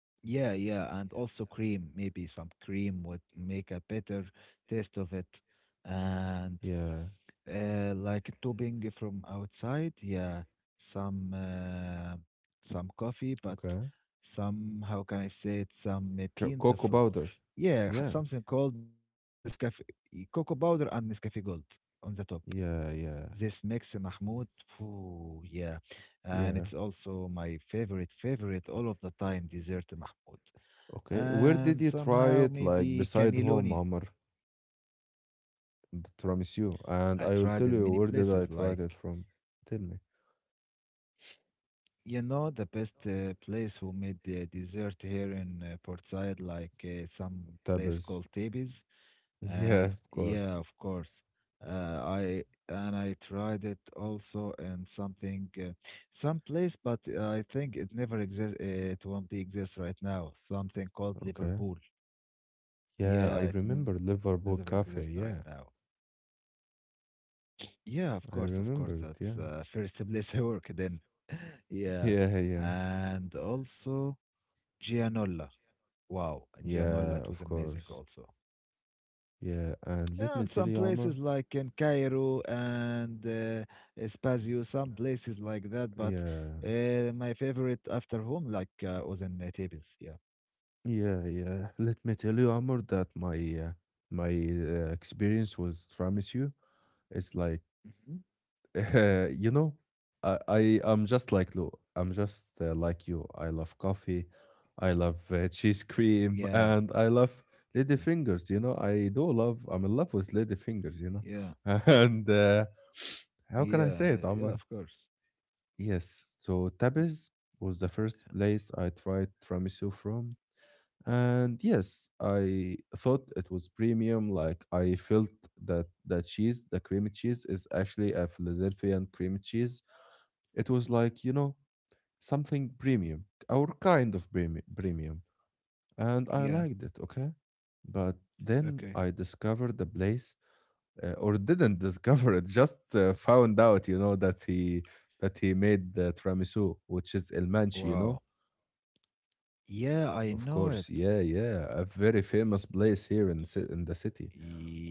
Speaker 2: Yeah, yeah, and also cream, maybe some cream would make a better taste of it. And
Speaker 1: Yeah.
Speaker 2: uh, like topping from outside, yeah, some uh, some coffee, but
Speaker 1: Okay.
Speaker 2: some how can I say it? Some uh,
Speaker 1: Co-
Speaker 2: beans
Speaker 1: cocoa
Speaker 2: from
Speaker 1: powder.
Speaker 2: yeah, h-
Speaker 1: Yeah.
Speaker 2: something called Nescafe y- cocoa powder and Nescafe Gold on the top.
Speaker 1: Yeah,
Speaker 2: This
Speaker 1: yeah.
Speaker 2: mix, uh, Mahmoud, phew, yeah, and it's
Speaker 1: Yeah.
Speaker 2: also my favorite, favorite all of the time dessert, Mahmoud
Speaker 1: Okay, where did
Speaker 2: and
Speaker 1: you try
Speaker 2: somehow
Speaker 1: it? Like,
Speaker 2: maybe
Speaker 1: beside home,
Speaker 2: cannelloni.
Speaker 1: Amr, the
Speaker 2: I
Speaker 1: tiramisu,
Speaker 2: tried
Speaker 1: and
Speaker 2: in
Speaker 1: I
Speaker 2: many
Speaker 1: will tell you
Speaker 2: places,
Speaker 1: where did I
Speaker 2: like
Speaker 1: try it from. Tell me.
Speaker 2: you know, the best uh, place who made the dessert here in uh, Port Said, like uh, some place
Speaker 1: Tabas.
Speaker 2: called Tebes.
Speaker 1: Yeah,
Speaker 2: Uh,
Speaker 1: of
Speaker 2: yeah,
Speaker 1: course.
Speaker 2: of course. Uh, I and I tried it also in something, uh, some place, but I think it never exists. It won't be exist right now. Something called
Speaker 1: Okay.
Speaker 2: Liverpool.
Speaker 1: Yeah, I
Speaker 2: Yeah, it
Speaker 1: remember
Speaker 2: never exists
Speaker 1: Liverpool
Speaker 2: right
Speaker 1: Cafe.
Speaker 2: now.
Speaker 1: Yeah,
Speaker 2: Yeah, of course, of
Speaker 1: I
Speaker 2: course. That's
Speaker 1: remember it.
Speaker 2: uh,
Speaker 1: Yeah. [laughs]
Speaker 2: first place I work then. [laughs] Yeah.
Speaker 1: Yeah, yeah.
Speaker 2: And also Gianola. Wow. And Gianola,
Speaker 1: Yeah,
Speaker 2: it
Speaker 1: of
Speaker 2: was amazing
Speaker 1: course.
Speaker 2: also.
Speaker 1: Yeah, and let me
Speaker 2: And
Speaker 1: tell
Speaker 2: some
Speaker 1: you, Amr.
Speaker 2: places like in Cairo and uh, Spazio, some places like that. But
Speaker 1: Yeah.
Speaker 2: uh, my favorite after home, like, uh, was in uh, Thebes. Yeah.
Speaker 1: Yeah, yeah. [laughs] Let me tell you, Amr, that my uh, my uh, experience with tiramisu is like,
Speaker 2: Mhm.
Speaker 1: [laughs] you know, I, I I'm just like Lou. I'm just uh, like you. I love coffee. I love uh, cheese cream, [laughs] and I
Speaker 2: Yeah.
Speaker 1: love lady fingers. You
Speaker 2: uh,
Speaker 1: know, I do love. I'm in love with lady fingers. You
Speaker 2: Yeah.
Speaker 1: know, [laughs] and uh, [sniffs] how
Speaker 2: Yeah.
Speaker 1: can I
Speaker 2: uh,
Speaker 1: say
Speaker 2: Yeah,
Speaker 1: it,
Speaker 2: of
Speaker 1: Omar?
Speaker 2: course.
Speaker 1: Yes. So Tabis was the first place I tried tiramisu from, and yes, I thought it was premium. Like I felt that the cheese, the cream cheese, is actually a Philadelphian cream cheese. It was like, you know, something premium, our kind of premi- premium. And I liked
Speaker 2: Yeah.
Speaker 1: it, okay? But then I
Speaker 2: Okay.
Speaker 1: discovered the place, uh, or didn't [laughs] discover it, just uh, found out, you know, that he that he made the tiramisu, which is El Manchi, you know?
Speaker 2: Wow.
Speaker 1: Of
Speaker 2: Yeah, I
Speaker 1: course, yeah,
Speaker 2: know it.
Speaker 1: yeah, a very famous place here in, ci- in the city.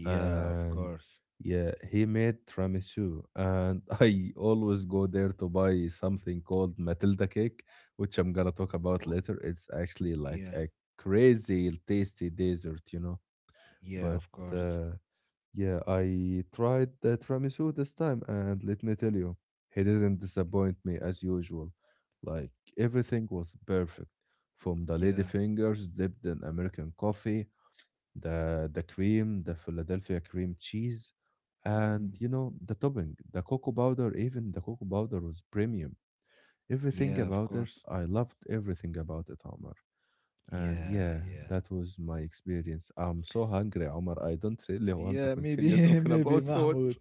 Speaker 1: And
Speaker 2: Yeah, of course.
Speaker 1: yeah, he made tiramisu, and [laughs] I always go there to buy something called Matilda cake, which I'm gonna talk about later.
Speaker 2: Oh,
Speaker 1: It's actually like a
Speaker 2: Yeah,
Speaker 1: crazy tasty dessert, you know. But
Speaker 2: yeah, of
Speaker 1: uh,
Speaker 2: course.
Speaker 1: yeah, I tried the tiramisu this time, and let me tell you, he didn't disappoint me as usual. Like everything was perfect, from the lady
Speaker 2: Yeah.
Speaker 1: fingers dipped in American coffee, the the cream, the Philadelphia cream cheese, and you
Speaker 2: mhm.
Speaker 1: know the topping, the cocoa powder. Even the cocoa powder was premium. Everything
Speaker 2: Yeah,
Speaker 1: about
Speaker 2: of
Speaker 1: it, I
Speaker 2: course.
Speaker 1: loved everything about it, Omar. And yeah,
Speaker 2: Yeah,
Speaker 1: that
Speaker 2: yeah.
Speaker 1: was my experience. I'm so hungry, Omar. I don't [laughs] really want to
Speaker 2: Yeah,
Speaker 1: continue
Speaker 2: maybe, [laughs]
Speaker 1: talking
Speaker 2: maybe
Speaker 1: about food.
Speaker 2: Mahmoud.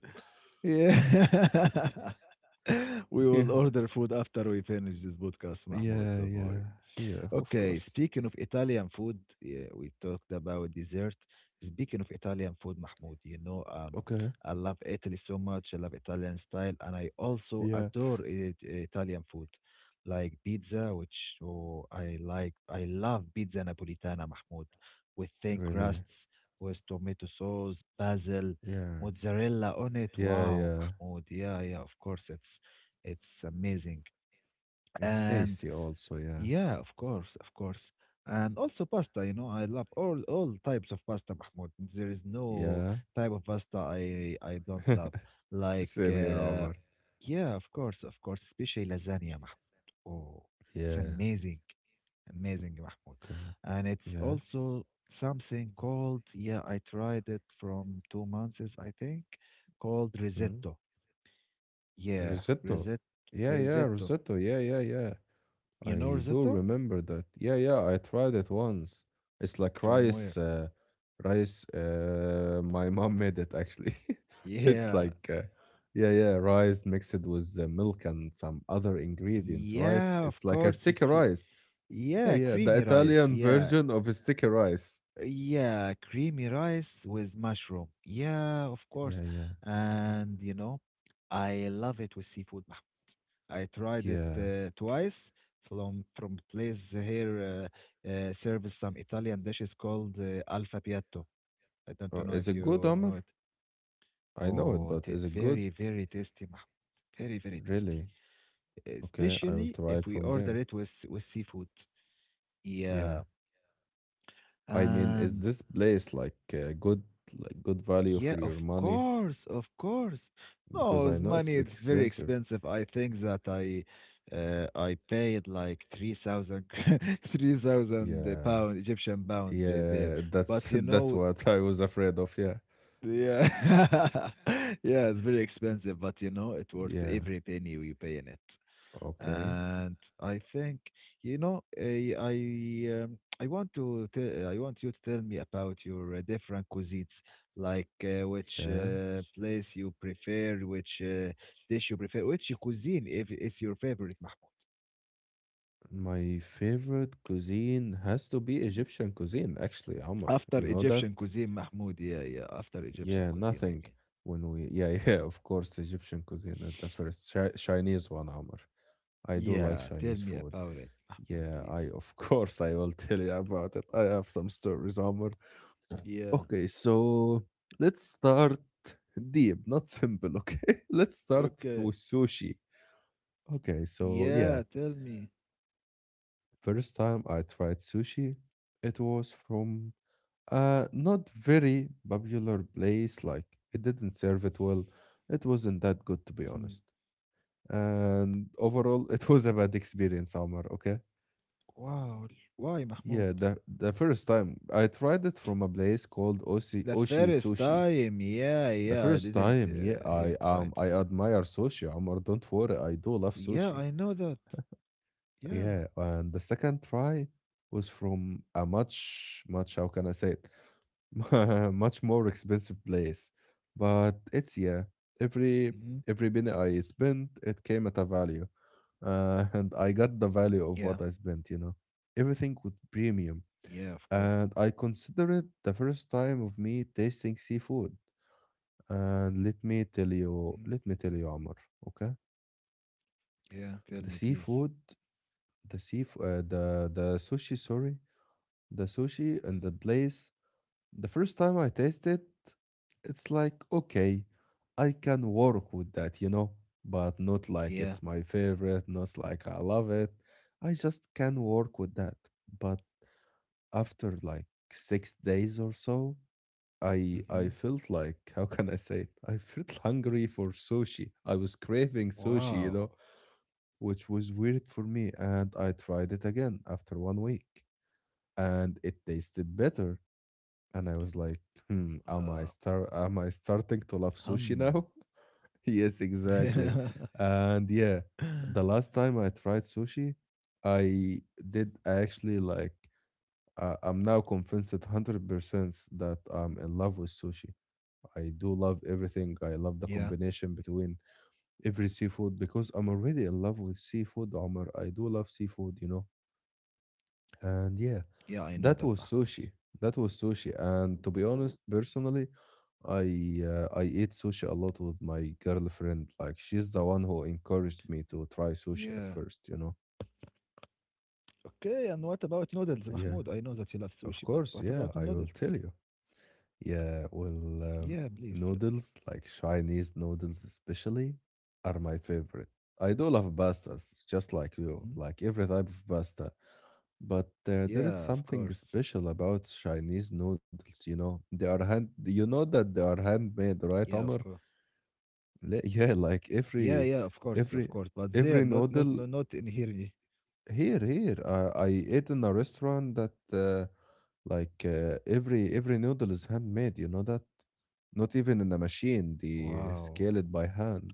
Speaker 2: Yeah. [laughs] [laughs] We
Speaker 1: [laughs] Yeah,
Speaker 2: will order food after we finish this podcast, Mahmoud.
Speaker 1: yeah,
Speaker 2: Don't
Speaker 1: yeah,
Speaker 2: worry.
Speaker 1: yeah. Of
Speaker 2: Okay,
Speaker 1: course.
Speaker 2: speaking of Italian food, yeah, we talked about dessert. Speaking of Italian food, Mahmoud, you know, um,
Speaker 1: Okay.
Speaker 2: I love Italy so much. I love Italian style, and I also
Speaker 1: Yeah.
Speaker 2: adore it, Italian food, like pizza, which oh, I like. I love pizza Napolitana, Mahmoud, with thin
Speaker 1: Really.
Speaker 2: crusts, with tomato sauce, basil
Speaker 1: Yeah.
Speaker 2: mozzarella on it.
Speaker 1: Yeah,
Speaker 2: Wow,
Speaker 1: yeah.
Speaker 2: Mahmoud. Yeah, yeah, of course. It's it's amazing.
Speaker 1: It's
Speaker 2: And
Speaker 1: tasty also, yeah.
Speaker 2: yeah, of course, of course. And also pasta, you know, I love all all types of pasta, Mahmoud. There is no
Speaker 1: Yeah.
Speaker 2: type of pasta I I don't love.
Speaker 1: [laughs]
Speaker 2: Like
Speaker 1: Same here,
Speaker 2: uh
Speaker 1: Omar.
Speaker 2: yeah, of course, of course, especially lasagna, Mahmoud. Oh, it's
Speaker 1: Yeah.
Speaker 2: amazing. Amazing, Mahmoud.
Speaker 1: Okay.
Speaker 2: And it's
Speaker 1: Yeah.
Speaker 2: also something called, yeah, I tried it from two months, I think, called
Speaker 1: Mm.
Speaker 2: risotto. Yeah,
Speaker 1: Risotto.
Speaker 2: risotto,
Speaker 1: Yeah, yeah,
Speaker 2: risotto.
Speaker 1: risotto. Yeah, yeah, yeah.
Speaker 2: You know
Speaker 1: I do
Speaker 2: risotto?
Speaker 1: remember that. Yeah, yeah, I tried it once. It's like
Speaker 2: From where?
Speaker 1: rice, uh, rice. Uh, my [laughs] mom made it actually. [laughs] It's
Speaker 2: Yeah,
Speaker 1: like, uh, yeah, yeah, rice mixed with uh, milk and some other ingredients, right?
Speaker 2: yeah,
Speaker 1: It's
Speaker 2: of
Speaker 1: like a
Speaker 2: course. It
Speaker 1: sticky
Speaker 2: cre-
Speaker 1: rice. Yeah,
Speaker 2: yeah,
Speaker 1: yeah, the
Speaker 2: creamy rice.
Speaker 1: Italian
Speaker 2: Yeah,
Speaker 1: version of a sticky rice.
Speaker 2: Yeah, creamy rice with mushroom. Yeah, of course.
Speaker 1: Yeah, yeah,
Speaker 2: And you know, I love it with seafood, Mahmoud. I tried it
Speaker 1: yeah.
Speaker 2: uh, twice from from place here uh, uh, serves some Italian dishes called uh, Alfa Piatto. I
Speaker 1: Oh,
Speaker 2: don't know
Speaker 1: is
Speaker 2: if
Speaker 1: it good,
Speaker 2: you know
Speaker 1: Amr?
Speaker 2: it.
Speaker 1: I know it,
Speaker 2: Oh,
Speaker 1: but
Speaker 2: t
Speaker 1: is it good?
Speaker 2: very, very tasty, Mahmoud. Very, very tasty.
Speaker 1: Really? Okay, I will
Speaker 2: Especially
Speaker 1: try it
Speaker 2: if we
Speaker 1: from
Speaker 2: order
Speaker 1: there.
Speaker 2: it with with seafood.
Speaker 1: Yeah.
Speaker 2: Yeah.
Speaker 1: I mean, is
Speaker 2: And
Speaker 1: this place like uh, good, like good value for
Speaker 2: Yeah,
Speaker 1: your
Speaker 2: of
Speaker 1: money?
Speaker 2: course, of course.
Speaker 1: Because
Speaker 2: No,
Speaker 1: I
Speaker 2: it's
Speaker 1: know it's
Speaker 2: money, it's very
Speaker 1: expensive.
Speaker 2: expensive. I think that I uh, I paid like three thousand, [laughs] three thousand
Speaker 1: Yeah.
Speaker 2: pound Egyptian pound uh, there.
Speaker 1: Yeah,
Speaker 2: But
Speaker 1: that's
Speaker 2: you
Speaker 1: [laughs] that's
Speaker 2: know,
Speaker 1: what I was afraid of. Yeah.
Speaker 2: yeah. [laughs] Yeah, it's very expensive, but you know, it worth
Speaker 1: Yeah.
Speaker 2: every penny you pay in it.
Speaker 1: Okay.
Speaker 2: And I think, you know, I I um, I want to te- I want you to tell me about your uh, different cuisines, like uh, which
Speaker 1: Yeah.
Speaker 2: uh, place you prefer, which uh, dish you prefer, which cuisine if is your favorite, Mahmoud.
Speaker 1: My favorite cuisine has to be
Speaker 2: Mm.
Speaker 1: Egyptian cuisine, actually, Amr. You
Speaker 2: After
Speaker 1: know that?
Speaker 2: Egyptian cuisine, Mahmoud, yeah, yeah, after Egyptian
Speaker 1: Yeah,
Speaker 2: cuisine, I
Speaker 1: nothing.
Speaker 2: mean.
Speaker 1: When we, yeah, [laughs] yeah, of course, Egyptian cuisine at the first. Chi Chinese one, Amr. I do like
Speaker 2: Yeah, tell
Speaker 1: Chinese
Speaker 2: me
Speaker 1: food.
Speaker 2: about it, Mahmoud,
Speaker 1: Yeah, I
Speaker 2: please.
Speaker 1: of [laughs] course I will tell you about it. I have some stories, Amr.
Speaker 2: Yeah.
Speaker 1: Okay, so let's start deep, not simple. Okay, [laughs] let's start
Speaker 2: Okay.
Speaker 1: with sushi. Okay, so yeah,
Speaker 2: Yeah, tell me.
Speaker 1: first time I tried sushi, it was from, Uh, not very popular place. Like it didn't serve it well. It wasn't that
Speaker 2: Hmm.
Speaker 1: good, to be honest. And overall, [laughs] it was a bad experience, Omar. Okay.
Speaker 2: Wow. Why, Mahmoud?
Speaker 1: Yeah, the the first time I tried it from a
Speaker 2: The
Speaker 1: place
Speaker 2: first
Speaker 1: called Oshi
Speaker 2: time.
Speaker 1: Oshi
Speaker 2: Yeah,
Speaker 1: Sushi.
Speaker 2: yeah, I didn't
Speaker 1: The
Speaker 2: uh, hear
Speaker 1: first
Speaker 2: it
Speaker 1: time,
Speaker 2: right.
Speaker 1: yeah,
Speaker 2: fir-
Speaker 1: I um I admire sushi, Omar. Don't worry,
Speaker 2: Yeah,
Speaker 1: I
Speaker 2: I
Speaker 1: do
Speaker 2: know
Speaker 1: love
Speaker 2: that.
Speaker 1: sushi.
Speaker 2: Yeah.
Speaker 1: Yeah, and the second try was from a much much how can I say it? [laughs] Much more expensive place. But it's,
Speaker 2: hmm
Speaker 1: yeah, every every penny I spent, it came at a value, uh, [laughs] and
Speaker 2: Yeah,
Speaker 1: I got the value of what I spent. You know, everything with
Speaker 2: yeah, of
Speaker 1: premium,
Speaker 2: course.
Speaker 1: and I consider it the first time of me tasting seafood. And let me
Speaker 2: Mhm.
Speaker 1: tell you, let me tell you, Amr. Okay,
Speaker 2: Yeah, tell me,
Speaker 1: the
Speaker 2: please.
Speaker 1: seafood, the sea, uh, the the sushi. Sorry, the sushi
Speaker 2: Mm.
Speaker 1: and the place. The first time I taste it, it's like, okay, I can work with that, you know, but not like it's my
Speaker 2: Yeah.
Speaker 1: favorite, not like I love it. I just can work with that. But after like six days or so, I I felt like,
Speaker 2: hmm
Speaker 1: [laughs] how can I say it? I felt [laughs] hungry for sushi. I was craving sushi, you know,
Speaker 2: Wow.
Speaker 1: which was weird for me. And I tried it again after one week, and it tasted better, and I was like, hmm, am I
Speaker 2: Uh,
Speaker 1: star am I starting to love sushi
Speaker 2: Hum.
Speaker 1: now? [laughs] Yes, exactly.
Speaker 2: [laughs]
Speaker 1: And yeah, the last time I tried sushi, I did actually like, uh, I'm now convinced one hundred percent that I'm in love with sushi. I do love everything. I
Speaker 2: Yeah,
Speaker 1: love the combination between every seafood because I'm already in love with seafood, Omar. I do love seafood, you know. And yeah,
Speaker 2: yeah, I know that,
Speaker 1: that was
Speaker 2: Mahmoud.
Speaker 1: sushi. That was sushi. And to be honest, personally, I uh, I ate sushi a lot with my girlfriend. Like she's the one who encouraged me to
Speaker 2: Yeah.
Speaker 1: try sushi at first, you know.
Speaker 2: Okay, and what about noodles, Mahmoud? I know
Speaker 1: Yeah,
Speaker 2: that you love sushi, but
Speaker 1: of
Speaker 2: what about
Speaker 1: course. Yeah, I
Speaker 2: noodles?
Speaker 1: will tell you. Yeah, well,
Speaker 2: Yeah,
Speaker 1: um,
Speaker 2: please tell.
Speaker 1: noodles, like Chinese noodles especially, are my favorite. I do love pastas, just like
Speaker 2: Mhm.
Speaker 1: you, like every type of pasta. But uh, there
Speaker 2: Yeah,
Speaker 1: is
Speaker 2: of
Speaker 1: something
Speaker 2: course.
Speaker 1: special about Chinese noodles, you know. They are hand, you know that they are
Speaker 2: Yeah, of
Speaker 1: handmade,
Speaker 2: course.
Speaker 1: right, Omar? Le- [laughs] Yeah,
Speaker 2: Yeah,
Speaker 1: like
Speaker 2: yeah, of course,
Speaker 1: every,
Speaker 2: of course. But
Speaker 1: every,
Speaker 2: there, not, not,
Speaker 1: every
Speaker 2: no, not in
Speaker 1: noodle
Speaker 2: here. ye-
Speaker 1: here, here, uh, I ate in a restaurant that uh, like uh, every every noodle is handmade. You know that? Not even in a machine.
Speaker 2: Wow,
Speaker 1: They scale it by hand.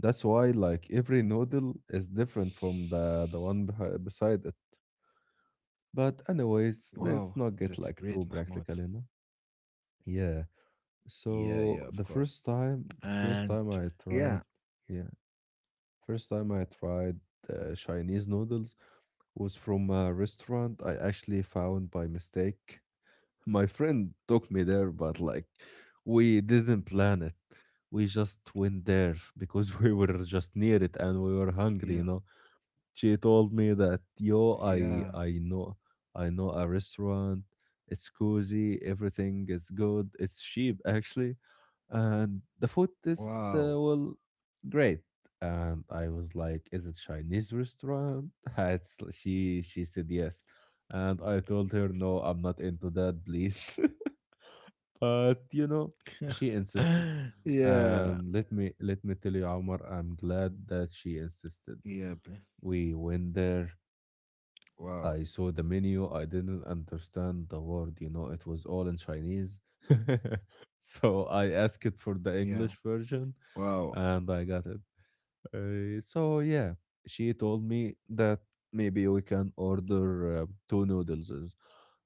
Speaker 1: That's why like every noodle is different from the the one beh- beside it. But anyways,
Speaker 2: wow,
Speaker 1: let's not get
Speaker 2: that's
Speaker 1: like
Speaker 2: great,
Speaker 1: too
Speaker 2: Mahmoud.
Speaker 1: practical, you know? Yeah.
Speaker 2: Yeah,
Speaker 1: So
Speaker 2: yeah,
Speaker 1: the
Speaker 2: of course.
Speaker 1: first time, first
Speaker 2: And
Speaker 1: time I tried,
Speaker 2: yeah,
Speaker 1: yeah. First time I tried uh, Chinese noodles was from a restaurant I actually found by mistake. [laughs] My friend took me there, but like we didn't plan it. We just went there because [laughs] we were just near it and we were
Speaker 2: yeah,
Speaker 1: hungry, you know. She told me that yo,
Speaker 2: yeah.
Speaker 1: I I know I know a restaurant. It's cozy, everything is good. It's cheap actually, and the food tastes
Speaker 2: Wow. [gasps]
Speaker 1: uh, well, great. And I was like, is it Chinese restaurant? [laughs] it's, she she said yes, and I told her no, I'm not into that, please. [laughs] But you know she insisted,
Speaker 2: [laughs] Yeah,
Speaker 1: and let me let me tell you, Omar, I'm glad that she insisted.
Speaker 2: yeah. bl-
Speaker 1: We went there, I
Speaker 2: Wow.
Speaker 1: saw the menu, I didn't understand the word, you know it was all in Chinese. [laughs] So I asked for
Speaker 2: Yeah.
Speaker 1: the English version
Speaker 2: Wow.
Speaker 1: and I got it. Uh, so yeah, she told me that maybe we can order uh, two noodles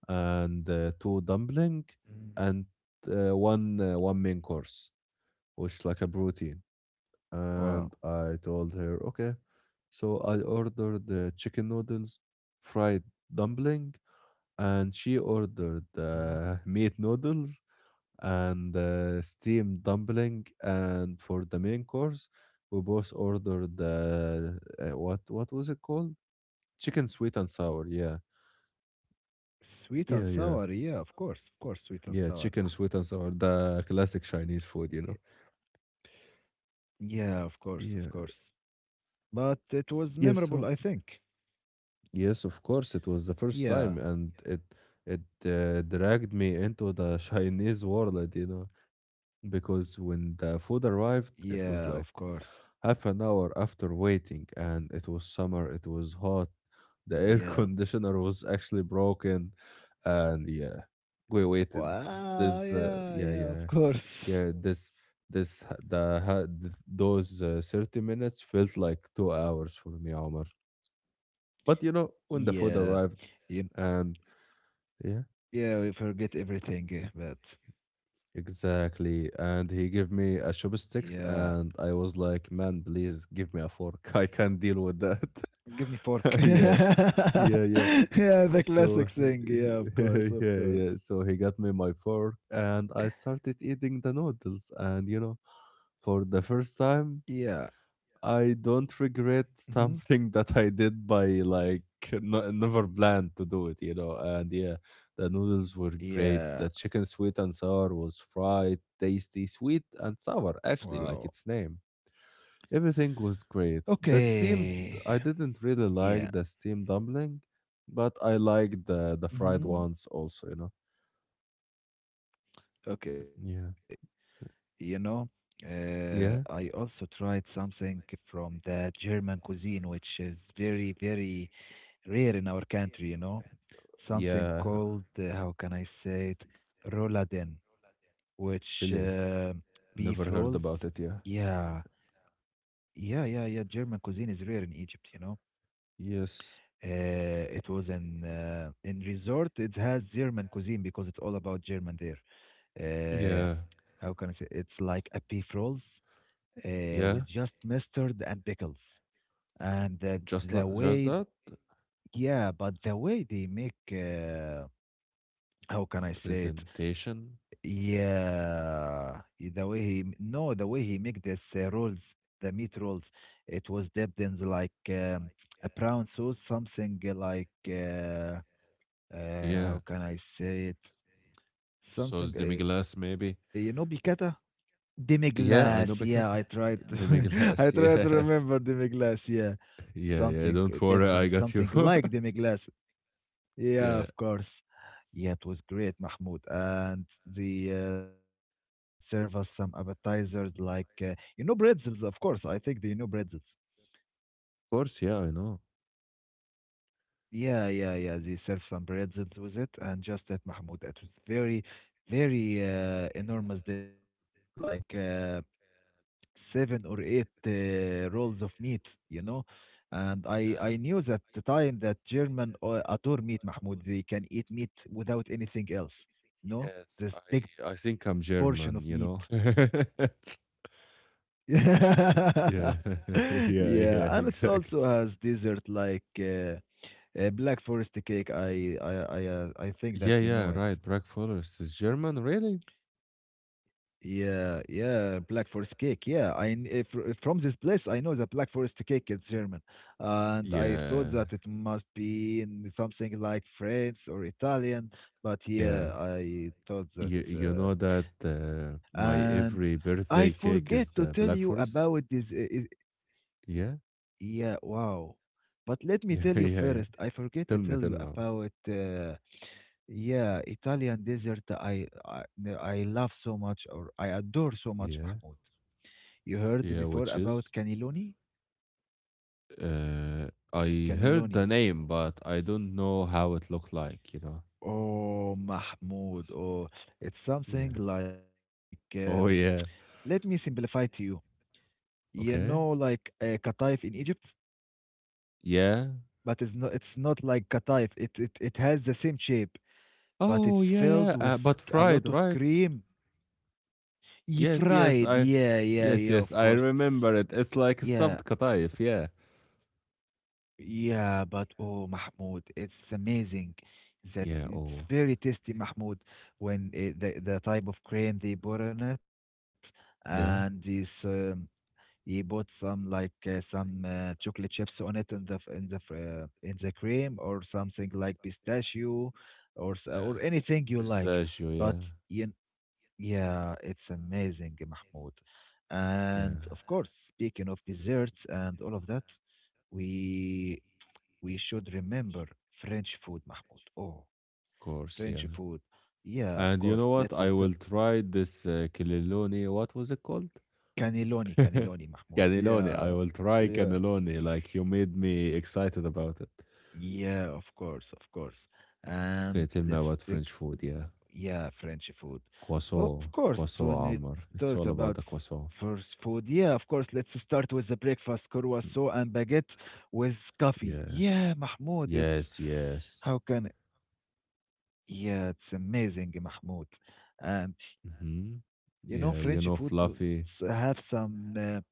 Speaker 1: and uh, two dumpling,
Speaker 2: Mm,
Speaker 1: and uh, one uh, one main course, which like a protein.
Speaker 2: Wow.
Speaker 1: And I told her okay. So I ordered the chicken noodles, fried dumpling, and she ordered
Speaker 2: Mm-hmm.
Speaker 1: uh, [laughs] meat noodles and uh, steamed dumpling. And for the main course, we both ordered the uh, what what was it called? Chicken sweet and sour. Yeah,
Speaker 2: Sweet
Speaker 1: yeah,
Speaker 2: and
Speaker 1: yeah,
Speaker 2: sour, yeah, of course, of course, sweet
Speaker 1: yeah,
Speaker 2: and sour,
Speaker 1: chicken sweet and
Speaker 2: Mahmoud.
Speaker 1: sour, the classic
Speaker 2: Yeah,
Speaker 1: Chinese food, you know.
Speaker 2: yeah, of course, of
Speaker 1: Yeah.
Speaker 2: course. But it was
Speaker 1: Yes.
Speaker 2: memorable, I
Speaker 1: So
Speaker 2: think.
Speaker 1: yes, of course, it was the first
Speaker 2: Yeah,
Speaker 1: time, and it it uh, dragged me into the [laughs] Chinese world, you know, because when the food
Speaker 2: yeah,
Speaker 1: arrived,
Speaker 2: of
Speaker 1: it was
Speaker 2: course.
Speaker 1: like half an hour after waiting, and it was summer, it was hot. The
Speaker 2: Yeah.
Speaker 1: air [laughs] conditioner was actually broken, and yeah, we waited.
Speaker 2: Wow,
Speaker 1: This, uh,
Speaker 2: yeah,
Speaker 1: yeah,
Speaker 2: yeah,
Speaker 1: yeah,
Speaker 2: of course.
Speaker 1: yeah.
Speaker 2: [laughs]
Speaker 1: This, this, the, ha- th- those uh, thirty minutes felt like two hours for me, Omar. But you know, when the food
Speaker 2: Yeah.
Speaker 1: arrived,
Speaker 2: You,
Speaker 1: and yeah,
Speaker 2: yeah, we forget everything, eh, but
Speaker 1: exactly, and he gave me a
Speaker 2: yeah.
Speaker 1: chopsticks, and I was like, man, please give me a fork. [laughs] I can't deal with that.
Speaker 2: Give me fork. [laughs]
Speaker 1: [laughs] Yeah.
Speaker 2: Yeah,
Speaker 1: Yeah, yeah.
Speaker 2: the classic
Speaker 1: So,
Speaker 2: thing. Yeah, of
Speaker 1: [laughs]
Speaker 2: course,
Speaker 1: yeah,
Speaker 2: of
Speaker 1: yeah.
Speaker 2: course.
Speaker 1: So he got me my fork and I started eating the noodles. And, you know, for the first
Speaker 2: Yeah.
Speaker 1: time, I don't regret
Speaker 2: hmm
Speaker 1: [laughs] something that I did by like, no, never planned to do it, you know. And yeah, the noodles were great.
Speaker 2: Yeah.
Speaker 1: The chicken sweet and sour was fried, tasty, sweet and sour, actually, like
Speaker 2: Wow.
Speaker 1: its name. Everything was great. The steamed, I
Speaker 2: Okay.
Speaker 1: didn't really like
Speaker 2: Yeah.
Speaker 1: the steamed dumpling, but I liked the the fried
Speaker 2: hmm
Speaker 1: ones also, you know.
Speaker 2: Okay.
Speaker 1: Yeah.
Speaker 2: You know, uh, I
Speaker 1: Yeah.
Speaker 2: also tried something from the German cuisine, which is very, very rare in our country, you know, something
Speaker 1: Yeah.
Speaker 2: called, uh, how can I say it, Rolladen, which
Speaker 1: Really.
Speaker 2: uh, beef
Speaker 1: Never heard
Speaker 2: rolls.
Speaker 1: about it, yeah.
Speaker 2: Yeah. Yeah, yeah, yeah. German cuisine is rare in Egypt, you know.
Speaker 1: Yes.
Speaker 2: Uh, it was in uh, in resort. It has German cuisine because it's all about German there. uh,
Speaker 1: Yeah.
Speaker 2: how can I say? It's like a beef rolls uh,
Speaker 1: Yeah.
Speaker 2: with just mustard and pickles. And the,
Speaker 1: Just li-
Speaker 2: the
Speaker 1: just
Speaker 2: way,
Speaker 1: that
Speaker 2: yeah, but the way they make, uh, how can I say it?
Speaker 1: presentation.
Speaker 2: Yeah, i- the way he m- no, the way he make this uh, rolls, the meat rolls, it was dipped in the, like um, a brown sauce, something like uh, uh,
Speaker 1: Yeah.
Speaker 2: how can I say it?
Speaker 1: Sauce demi-glace
Speaker 2: Something uh,
Speaker 1: maybe.
Speaker 2: you know, piccata. Demi
Speaker 1: Yeah, I know, because
Speaker 2: yeah, I tried to [laughs] I
Speaker 1: demi-glace.
Speaker 2: tried to
Speaker 1: Yeah. [laughs]
Speaker 2: remember demi. Yeah.
Speaker 1: Yeah, yeah,
Speaker 2: Something
Speaker 1: don't
Speaker 2: it
Speaker 1: worry. I
Speaker 2: didn't
Speaker 1: got you.
Speaker 2: something
Speaker 1: [laughs]
Speaker 2: like demi.
Speaker 1: Yeah, of
Speaker 2: Yeah, of course. Yeah, it was great, Mahmoud. And they uh, serve us some appetizers like uh, you know pretzels, of course. I think they know pretzels.
Speaker 1: course. Yeah, I know.
Speaker 2: Yeah, yeah, yeah. They serve some pretzels with it, and just that, Mahmoud. It was very, very uh, enormous dish, like. Uh, seven or eight uh, rolls of meat, you know. And I, I
Speaker 1: Yeah.
Speaker 2: knew that the time that German uh, adore meat, Mahmoud. They can eat meat without anything else. No,
Speaker 1: Yes,
Speaker 2: this
Speaker 1: I I
Speaker 2: big
Speaker 1: think I'm
Speaker 2: portion of
Speaker 1: German,
Speaker 2: meat.
Speaker 1: you know. [laughs]
Speaker 2: [laughs] Yeah,
Speaker 1: Yeah, [laughs] yeah, yeah,
Speaker 2: and it's also
Speaker 1: exactly.
Speaker 2: has dessert like uh, uh, Black Forest cake. I I I uh, I think
Speaker 1: Yeah,
Speaker 2: that you
Speaker 1: yeah,
Speaker 2: know it.
Speaker 1: right. Black Forest is German, really?
Speaker 2: Yeah, yeah, Black Forest cake. Yeah, I kn- eh, fr- eh, from this place I know the Black Forest cake is German, and I thought
Speaker 1: Yeah.
Speaker 2: that it must be in something like French or Italian. But
Speaker 1: Yeah.
Speaker 2: yeah, I thought that,
Speaker 1: You you
Speaker 2: uh,
Speaker 1: know that uh,
Speaker 2: and
Speaker 1: my
Speaker 2: I
Speaker 1: every
Speaker 2: forget
Speaker 1: birthday
Speaker 2: to
Speaker 1: cake
Speaker 2: tell you
Speaker 1: is uh, Black
Speaker 2: about this.
Speaker 1: Forest?
Speaker 2: Eh, eh,
Speaker 1: Yeah.
Speaker 2: yeah, wow. But let me
Speaker 1: [laughs]
Speaker 2: tell you
Speaker 1: Yeah, yeah,
Speaker 2: first.
Speaker 1: yeah.
Speaker 2: I forget to
Speaker 1: Tell
Speaker 2: tell
Speaker 1: me, tell
Speaker 2: you
Speaker 1: me.
Speaker 2: about. Uh, yeah, Italian dessert I, I I love so much or I adore so much,
Speaker 1: Yeah.
Speaker 2: Mahmoud. You heard
Speaker 1: Yeah,
Speaker 2: before
Speaker 1: which
Speaker 2: about
Speaker 1: is?
Speaker 2: cannelloni?
Speaker 1: Uh, I heard the
Speaker 2: Cannelloni.
Speaker 1: name, but I don't know how it looked like, you know?
Speaker 2: Oh, Mahmoud. Oh, it's something
Speaker 1: Yeah.
Speaker 2: like um,
Speaker 1: Oh,
Speaker 2: let
Speaker 1: yeah.
Speaker 2: me simplify to you. You know,
Speaker 1: Okay.
Speaker 2: like uh, kataif in Egypt,
Speaker 1: Yeah.
Speaker 2: but it's not it's not like kataif. It it it has the same shape, but
Speaker 1: Oh,
Speaker 2: it's
Speaker 1: yeah, yeah.
Speaker 2: filled
Speaker 1: Uh,
Speaker 2: with
Speaker 1: but
Speaker 2: a
Speaker 1: fried,
Speaker 2: lot of
Speaker 1: right?
Speaker 2: cream. You
Speaker 1: Yes, yes.
Speaker 2: fried.
Speaker 1: I,
Speaker 2: Yeah, yeah,
Speaker 1: yes,
Speaker 2: yeah,
Speaker 1: yes,
Speaker 2: of
Speaker 1: I
Speaker 2: course.
Speaker 1: remember it. It's like
Speaker 2: Yeah,
Speaker 1: stuffed kataif. Yeah.
Speaker 2: Yeah, but oh, Mahmoud, it's amazing
Speaker 1: Yeah.
Speaker 2: that
Speaker 1: Oh,
Speaker 2: it's very tasty, Mahmoud, when it, the the type of cream they put on it, and
Speaker 1: yeah.
Speaker 2: this um, he put some like uh, some uh, chocolate chips on it in the f- in the fr- uh, in the cream or something like pistachio or s- or
Speaker 1: Uh,
Speaker 2: anything you like.
Speaker 1: pistachio. Yeah.
Speaker 2: But you, yeah, it's amazing, Mahmoud.
Speaker 1: Yeah.
Speaker 2: And of course, speaking of desserts and all of that. We we should remember French food, Mahmoud. Oh,
Speaker 1: Of course. Yeah.
Speaker 2: French food.
Speaker 1: And
Speaker 2: Yeah,
Speaker 1: you know
Speaker 2: of
Speaker 1: what?
Speaker 2: course.
Speaker 1: I will
Speaker 2: Let's just uh,
Speaker 1: try this uh, kililoni. What was it called?
Speaker 2: cannelloni,
Speaker 1: [laughs]
Speaker 2: cannelloni,
Speaker 1: Cannelloni.
Speaker 2: Mahmoud.
Speaker 1: I will
Speaker 2: Yeah,
Speaker 1: try cannelloni.
Speaker 2: yeah,
Speaker 1: Like you made me excited about it.
Speaker 2: yeah. Of course, of course.
Speaker 1: Okay, tell me about
Speaker 2: And
Speaker 1: French
Speaker 2: let's
Speaker 1: food.
Speaker 2: pick.
Speaker 1: Yeah,
Speaker 2: Yeah, French food.
Speaker 1: croissant,
Speaker 2: Of
Speaker 1: croissant,
Speaker 2: course, when we
Speaker 1: Amr.
Speaker 2: talked
Speaker 1: It's all
Speaker 2: about
Speaker 1: about
Speaker 2: f-
Speaker 1: the croissant.
Speaker 2: first food, yeah, of course. Let's start with the breakfast:
Speaker 1: Mm.
Speaker 2: croissant and baguette with coffee.
Speaker 1: Yeah.
Speaker 2: Yeah, Mahmoud. It's
Speaker 1: Yes. Yes.
Speaker 2: how can Yeah, it's amazing, Mahmoud.
Speaker 1: Hmm.
Speaker 2: And you know,
Speaker 1: Yeah. You
Speaker 2: French
Speaker 1: know,
Speaker 2: food b-
Speaker 1: fluffy.
Speaker 2: s- have some uh,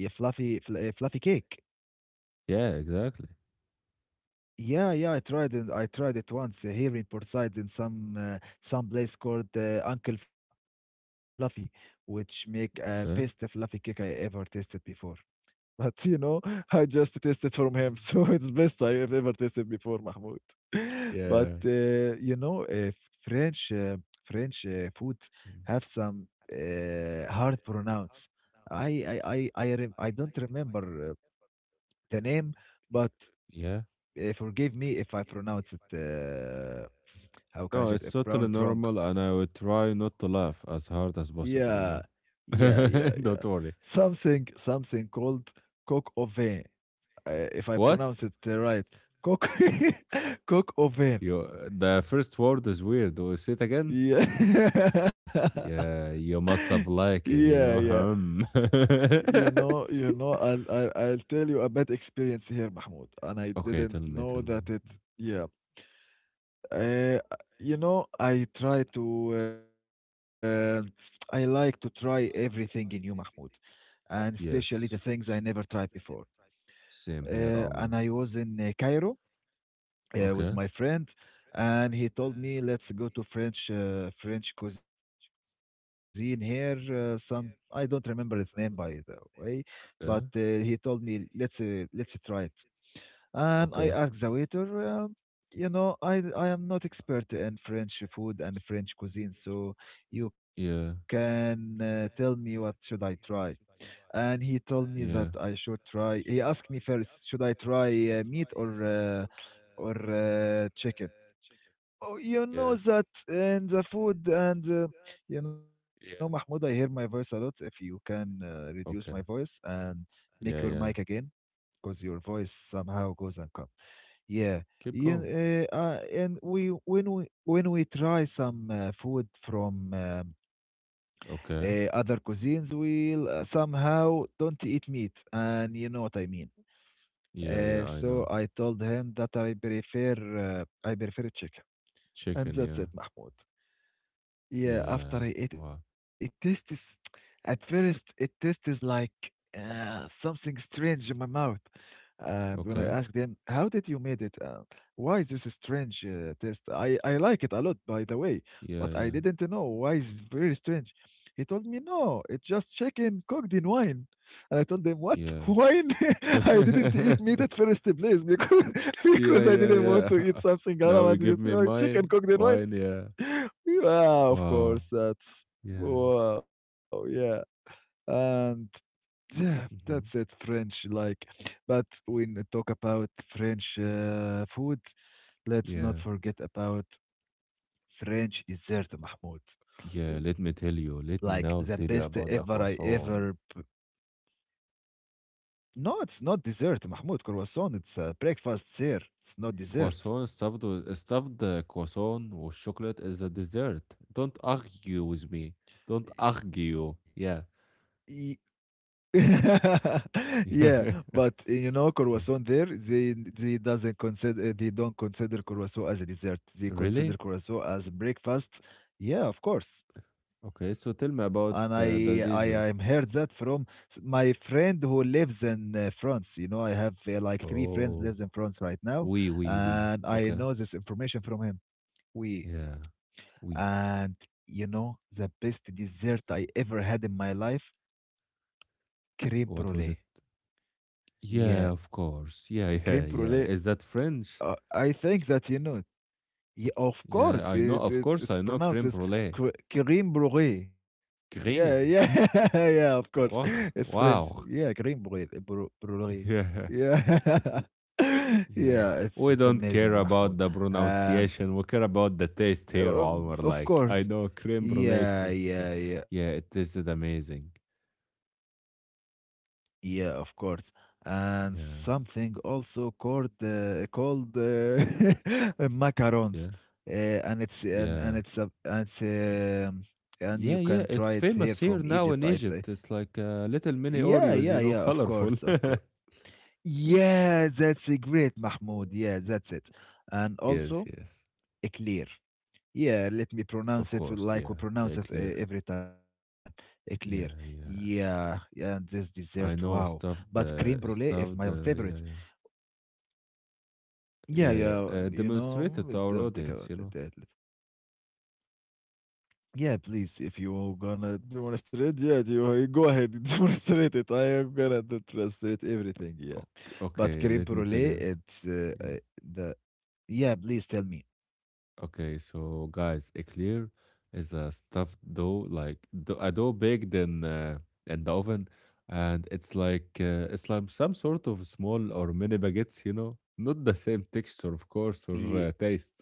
Speaker 2: yeah, fluffy fl- uh, fluffy cake.
Speaker 1: Yeah. Exactly.
Speaker 2: Yeah, yeah, I tried it. I tried it once uh, here in Portside in some uh, some place called uh, Uncle Fluffy, which make uh, best
Speaker 1: Okay.
Speaker 2: fluffy cake I ever tasted before. But, you know, I just tasted from him, [laughs] so it's best I have ever tasted before, Mahmoud. [laughs] But,
Speaker 1: Yeah.
Speaker 2: uh, you know, uh, French uh, French uh, foods have some uh, hard pronounce. I I I I, rem- I don't remember uh, the name, but
Speaker 1: Yeah.
Speaker 2: uh, forgive me if I pronounce it. Uh, how
Speaker 1: No,
Speaker 2: can I
Speaker 1: it's
Speaker 2: say it? If
Speaker 1: totally
Speaker 2: pronounce it
Speaker 1: normal,
Speaker 2: wrong.
Speaker 1: and I will try not to laugh as hard as possible, you know.
Speaker 2: Yeah, yeah, yeah,
Speaker 1: [laughs]
Speaker 2: yeah.
Speaker 1: Don't worry.
Speaker 2: Something something called coq au vin. Uh, if I
Speaker 1: What?
Speaker 2: pronounce it uh, right, coq [laughs] coq au vin.
Speaker 1: You, the first word is weird. Do you say it again?
Speaker 2: Yeah. [laughs]
Speaker 1: Yeah, you must have
Speaker 2: Yeah, yeah.
Speaker 1: liked it, you know. Hmm.
Speaker 2: You know, you know,
Speaker 1: [laughs]
Speaker 2: I'll, I'll, I'll tell you a bad experience here, Mahmoud, and I
Speaker 1: Okay,
Speaker 2: didn't
Speaker 1: tell me,
Speaker 2: know
Speaker 1: tell me.
Speaker 2: that it. Yeah. Uh, you know, I try to. Uh, [tsk] I like to try everything in new, Mahmoud, and especially
Speaker 1: Yes,
Speaker 2: the things I never tried before.
Speaker 1: same here,
Speaker 2: Uh,
Speaker 1: Omar.
Speaker 2: and I was in uh, Cairo
Speaker 1: Okay,
Speaker 2: uh, with my friend, and he told me, "Let's go to French uh, French cuisine here." Uh, some I don't remember its name by the way, but uh,
Speaker 1: yeah,
Speaker 2: he told me, "Let's uh, let's try it." And I
Speaker 1: okay,
Speaker 2: asked the waiter, um, "You know, I d- I am not expert in French food and French cuisine, so you
Speaker 1: yeah,
Speaker 2: can uh, tell me what should I try?" And he told me that I
Speaker 1: yeah,
Speaker 2: should try. He asked me first, should I try uh, meat or uh, or uh, chicken? Oh, you
Speaker 1: yeah,
Speaker 2: know that in the food and uh, you know, Mahmoud, I hear
Speaker 1: yeah.
Speaker 2: my voice a lot. If you can uh, reduce my
Speaker 1: Okay,
Speaker 2: voice and make your
Speaker 1: yeah,
Speaker 2: mic
Speaker 1: yeah.
Speaker 2: again, because your voice somehow goes and comes. Yeah.
Speaker 1: Keep
Speaker 2: you.
Speaker 1: going.
Speaker 2: Uh, uh, and we when we when we try some uh, food from um,
Speaker 1: Okay,
Speaker 2: uh, other cuisines will uh, somehow don't eat meat, and you know what I mean.
Speaker 1: yeah, yeah.
Speaker 2: uh,
Speaker 1: I know.
Speaker 2: so i told him that i prefer uh, i prefer chicken, and
Speaker 1: Chicken,
Speaker 2: that's
Speaker 1: yeah,
Speaker 2: it, Mahmoud. Yeah, after
Speaker 1: yeah.
Speaker 2: I ate it
Speaker 1: Wow.
Speaker 2: tastes at first it tastes like uh, something strange in my mouth. And when I
Speaker 1: Okay,
Speaker 2: asked them, "How did you made it? Uh, why this strange uh, taste?" I I like it a lot, by the way,
Speaker 1: yeah,
Speaker 2: but I
Speaker 1: yeah,
Speaker 2: didn't know why it's very strange. He told me, "No, it's just chicken cooked in wine." And I told them, "What
Speaker 1: yeah.
Speaker 2: [laughs] wine? [laughs] I didn't eat meat
Speaker 1: [laughs]
Speaker 2: at first place because [laughs]
Speaker 1: Yeah,
Speaker 2: because I
Speaker 1: yeah,
Speaker 2: didn't
Speaker 1: yeah.
Speaker 2: want to eat
Speaker 1: [laughs]
Speaker 2: something
Speaker 1: Now you give
Speaker 2: around
Speaker 1: me
Speaker 2: you. Uh,
Speaker 1: mine.
Speaker 2: chicken cooked
Speaker 1: Wine,
Speaker 2: in
Speaker 1: yeah.
Speaker 2: wine."
Speaker 1: Wow.
Speaker 2: Yeah, of course.
Speaker 1: Yeah.
Speaker 2: That's wow. Yeah, and yeah,
Speaker 1: Hmm.
Speaker 2: that's it. French, like, but when we talk about French uh, food,
Speaker 1: Yeah.
Speaker 2: let's not forget about French dessert,
Speaker 1: Yeah, let
Speaker 2: Mahmoud.
Speaker 1: me tell you. Let me
Speaker 2: Like
Speaker 1: now
Speaker 2: the
Speaker 1: tell you
Speaker 2: best
Speaker 1: about the
Speaker 2: ever I
Speaker 1: croissant.
Speaker 2: ever. p- No, it's not dessert, Mahmoud. Croissant. It's uh, breakfast here. It's not dessert.
Speaker 1: Croissant stuffed with, stuffed uh, croissant with chocolate is a dessert. Don't argue with me. Don't argue. Yeah.
Speaker 2: Y- [laughs] Yeah, but uh,
Speaker 1: [laughs]
Speaker 2: you know, croissant
Speaker 1: Yeah.
Speaker 2: there, they they doesn't consider uh, they don't consider croissant as a dessert. They consider
Speaker 1: Really?
Speaker 2: croissant as breakfast. Yeah, of course.
Speaker 1: Okay, so
Speaker 2: And
Speaker 1: tell me
Speaker 2: I
Speaker 1: about
Speaker 2: I
Speaker 1: uh,
Speaker 2: am
Speaker 1: the
Speaker 2: heard
Speaker 1: dessert.
Speaker 2: that from s- my friend who lives in uh, France. You know, I have uh, like three friends lives in
Speaker 1: Oh.
Speaker 2: France right now,
Speaker 1: We, we, we.
Speaker 2: and I
Speaker 1: Okay.
Speaker 2: know this information from him. We
Speaker 1: Yeah. We.
Speaker 2: and You know the best dessert I ever had in my life: crème
Speaker 1: What was it?
Speaker 2: brûlée.
Speaker 1: Yeah,
Speaker 2: Yeah.
Speaker 1: of course. Yeah, [laughs]
Speaker 2: Creme
Speaker 1: yeah, yeah.
Speaker 2: brulee.
Speaker 1: Is that French?
Speaker 2: Uh, I think that you know. Yeah, of
Speaker 1: Yeah,
Speaker 2: course,
Speaker 1: I know.
Speaker 2: it,
Speaker 1: Of
Speaker 2: it
Speaker 1: course, I
Speaker 2: it's
Speaker 1: know creme
Speaker 2: pronounced as
Speaker 1: brulee.
Speaker 2: cre- creme brulee. Yeah,
Speaker 1: Creme.
Speaker 2: yeah, [laughs] yeah. Of course,
Speaker 1: Wow.
Speaker 2: it's French.
Speaker 1: Wow. [laughs]
Speaker 2: Yeah, creme brulee. bru- brulee.
Speaker 1: Yeah,
Speaker 2: Yeah, [laughs]
Speaker 1: yeah.
Speaker 2: yeah.
Speaker 1: We
Speaker 2: It's it's
Speaker 1: don't care
Speaker 2: amazing,
Speaker 1: about
Speaker 2: Mahmoud.
Speaker 1: the
Speaker 2: And
Speaker 1: pronunciation. We care about the taste here,
Speaker 2: uh,
Speaker 1: Omar.
Speaker 2: of
Speaker 1: Like, I
Speaker 2: course,
Speaker 1: know creme brulee. It's,
Speaker 2: yeah,
Speaker 1: it's, uh,
Speaker 2: yeah, yeah.
Speaker 1: yeah, it tasted amazing.
Speaker 2: Yeah, of course. And
Speaker 1: Yeah,
Speaker 2: something also called uh, called uh, [laughs] uh,
Speaker 1: yeah,
Speaker 2: macarons, uh, and it's and,
Speaker 1: yeah.
Speaker 2: and it's a and it's um and
Speaker 1: Yeah,
Speaker 2: you
Speaker 1: yeah,
Speaker 2: can
Speaker 1: it's
Speaker 2: try it here
Speaker 1: famous here
Speaker 2: from
Speaker 1: now in
Speaker 2: Egypt, I think.
Speaker 1: Egypt. It's like uh, little mini
Speaker 2: Yeah,
Speaker 1: Oreos, you
Speaker 2: yeah,
Speaker 1: know,
Speaker 2: yeah. Of
Speaker 1: colorful.
Speaker 2: course, of course. Yeah, that's a great, Mahmoud. Yeah, that's it. And
Speaker 1: [laughs] Yes,
Speaker 2: also
Speaker 1: yes.
Speaker 2: eclair. Yeah, let me
Speaker 1: Of
Speaker 2: pronounce it with-
Speaker 1: course,
Speaker 2: like we
Speaker 1: yeah, they're
Speaker 2: pronounce it uh,
Speaker 1: clear.
Speaker 2: every time. Eclair.
Speaker 1: Yeah, yeah.
Speaker 2: Yeah, yeah, and this dessert,
Speaker 1: I
Speaker 2: wow.
Speaker 1: know
Speaker 2: But
Speaker 1: stuff
Speaker 2: creme brulee
Speaker 1: the
Speaker 2: is my
Speaker 1: stuff
Speaker 2: favorite.
Speaker 1: the yeah yeah
Speaker 2: Yeah,
Speaker 1: yeah yeah
Speaker 2: yeah,
Speaker 1: uh,
Speaker 2: you know,
Speaker 1: demonstrated
Speaker 2: we
Speaker 1: to our
Speaker 2: don't think
Speaker 1: audience,
Speaker 2: about
Speaker 1: you
Speaker 2: that.
Speaker 1: know.
Speaker 2: that lit- Yeah, please, if you gonna do you wanna straight, yeah, do you, you go ahead. [laughs] Do you wanna straight [laughs] it? I am gonna do translate everything. Yeah,
Speaker 1: Okay,
Speaker 2: but
Speaker 1: okay,
Speaker 2: creme
Speaker 1: let me tell
Speaker 2: brulee,
Speaker 1: you.
Speaker 2: it's uh,
Speaker 1: Yeah.
Speaker 2: uh, the. Yeah, please tell me.
Speaker 1: Okay, so guys, eclair is a stuffed dough, like do- a dough baked in uh, in the oven, and it's like uh, it's like some sort of small or mini baguettes, you know, not the same texture, of course, or
Speaker 2: Yeah,
Speaker 1: uh, taste,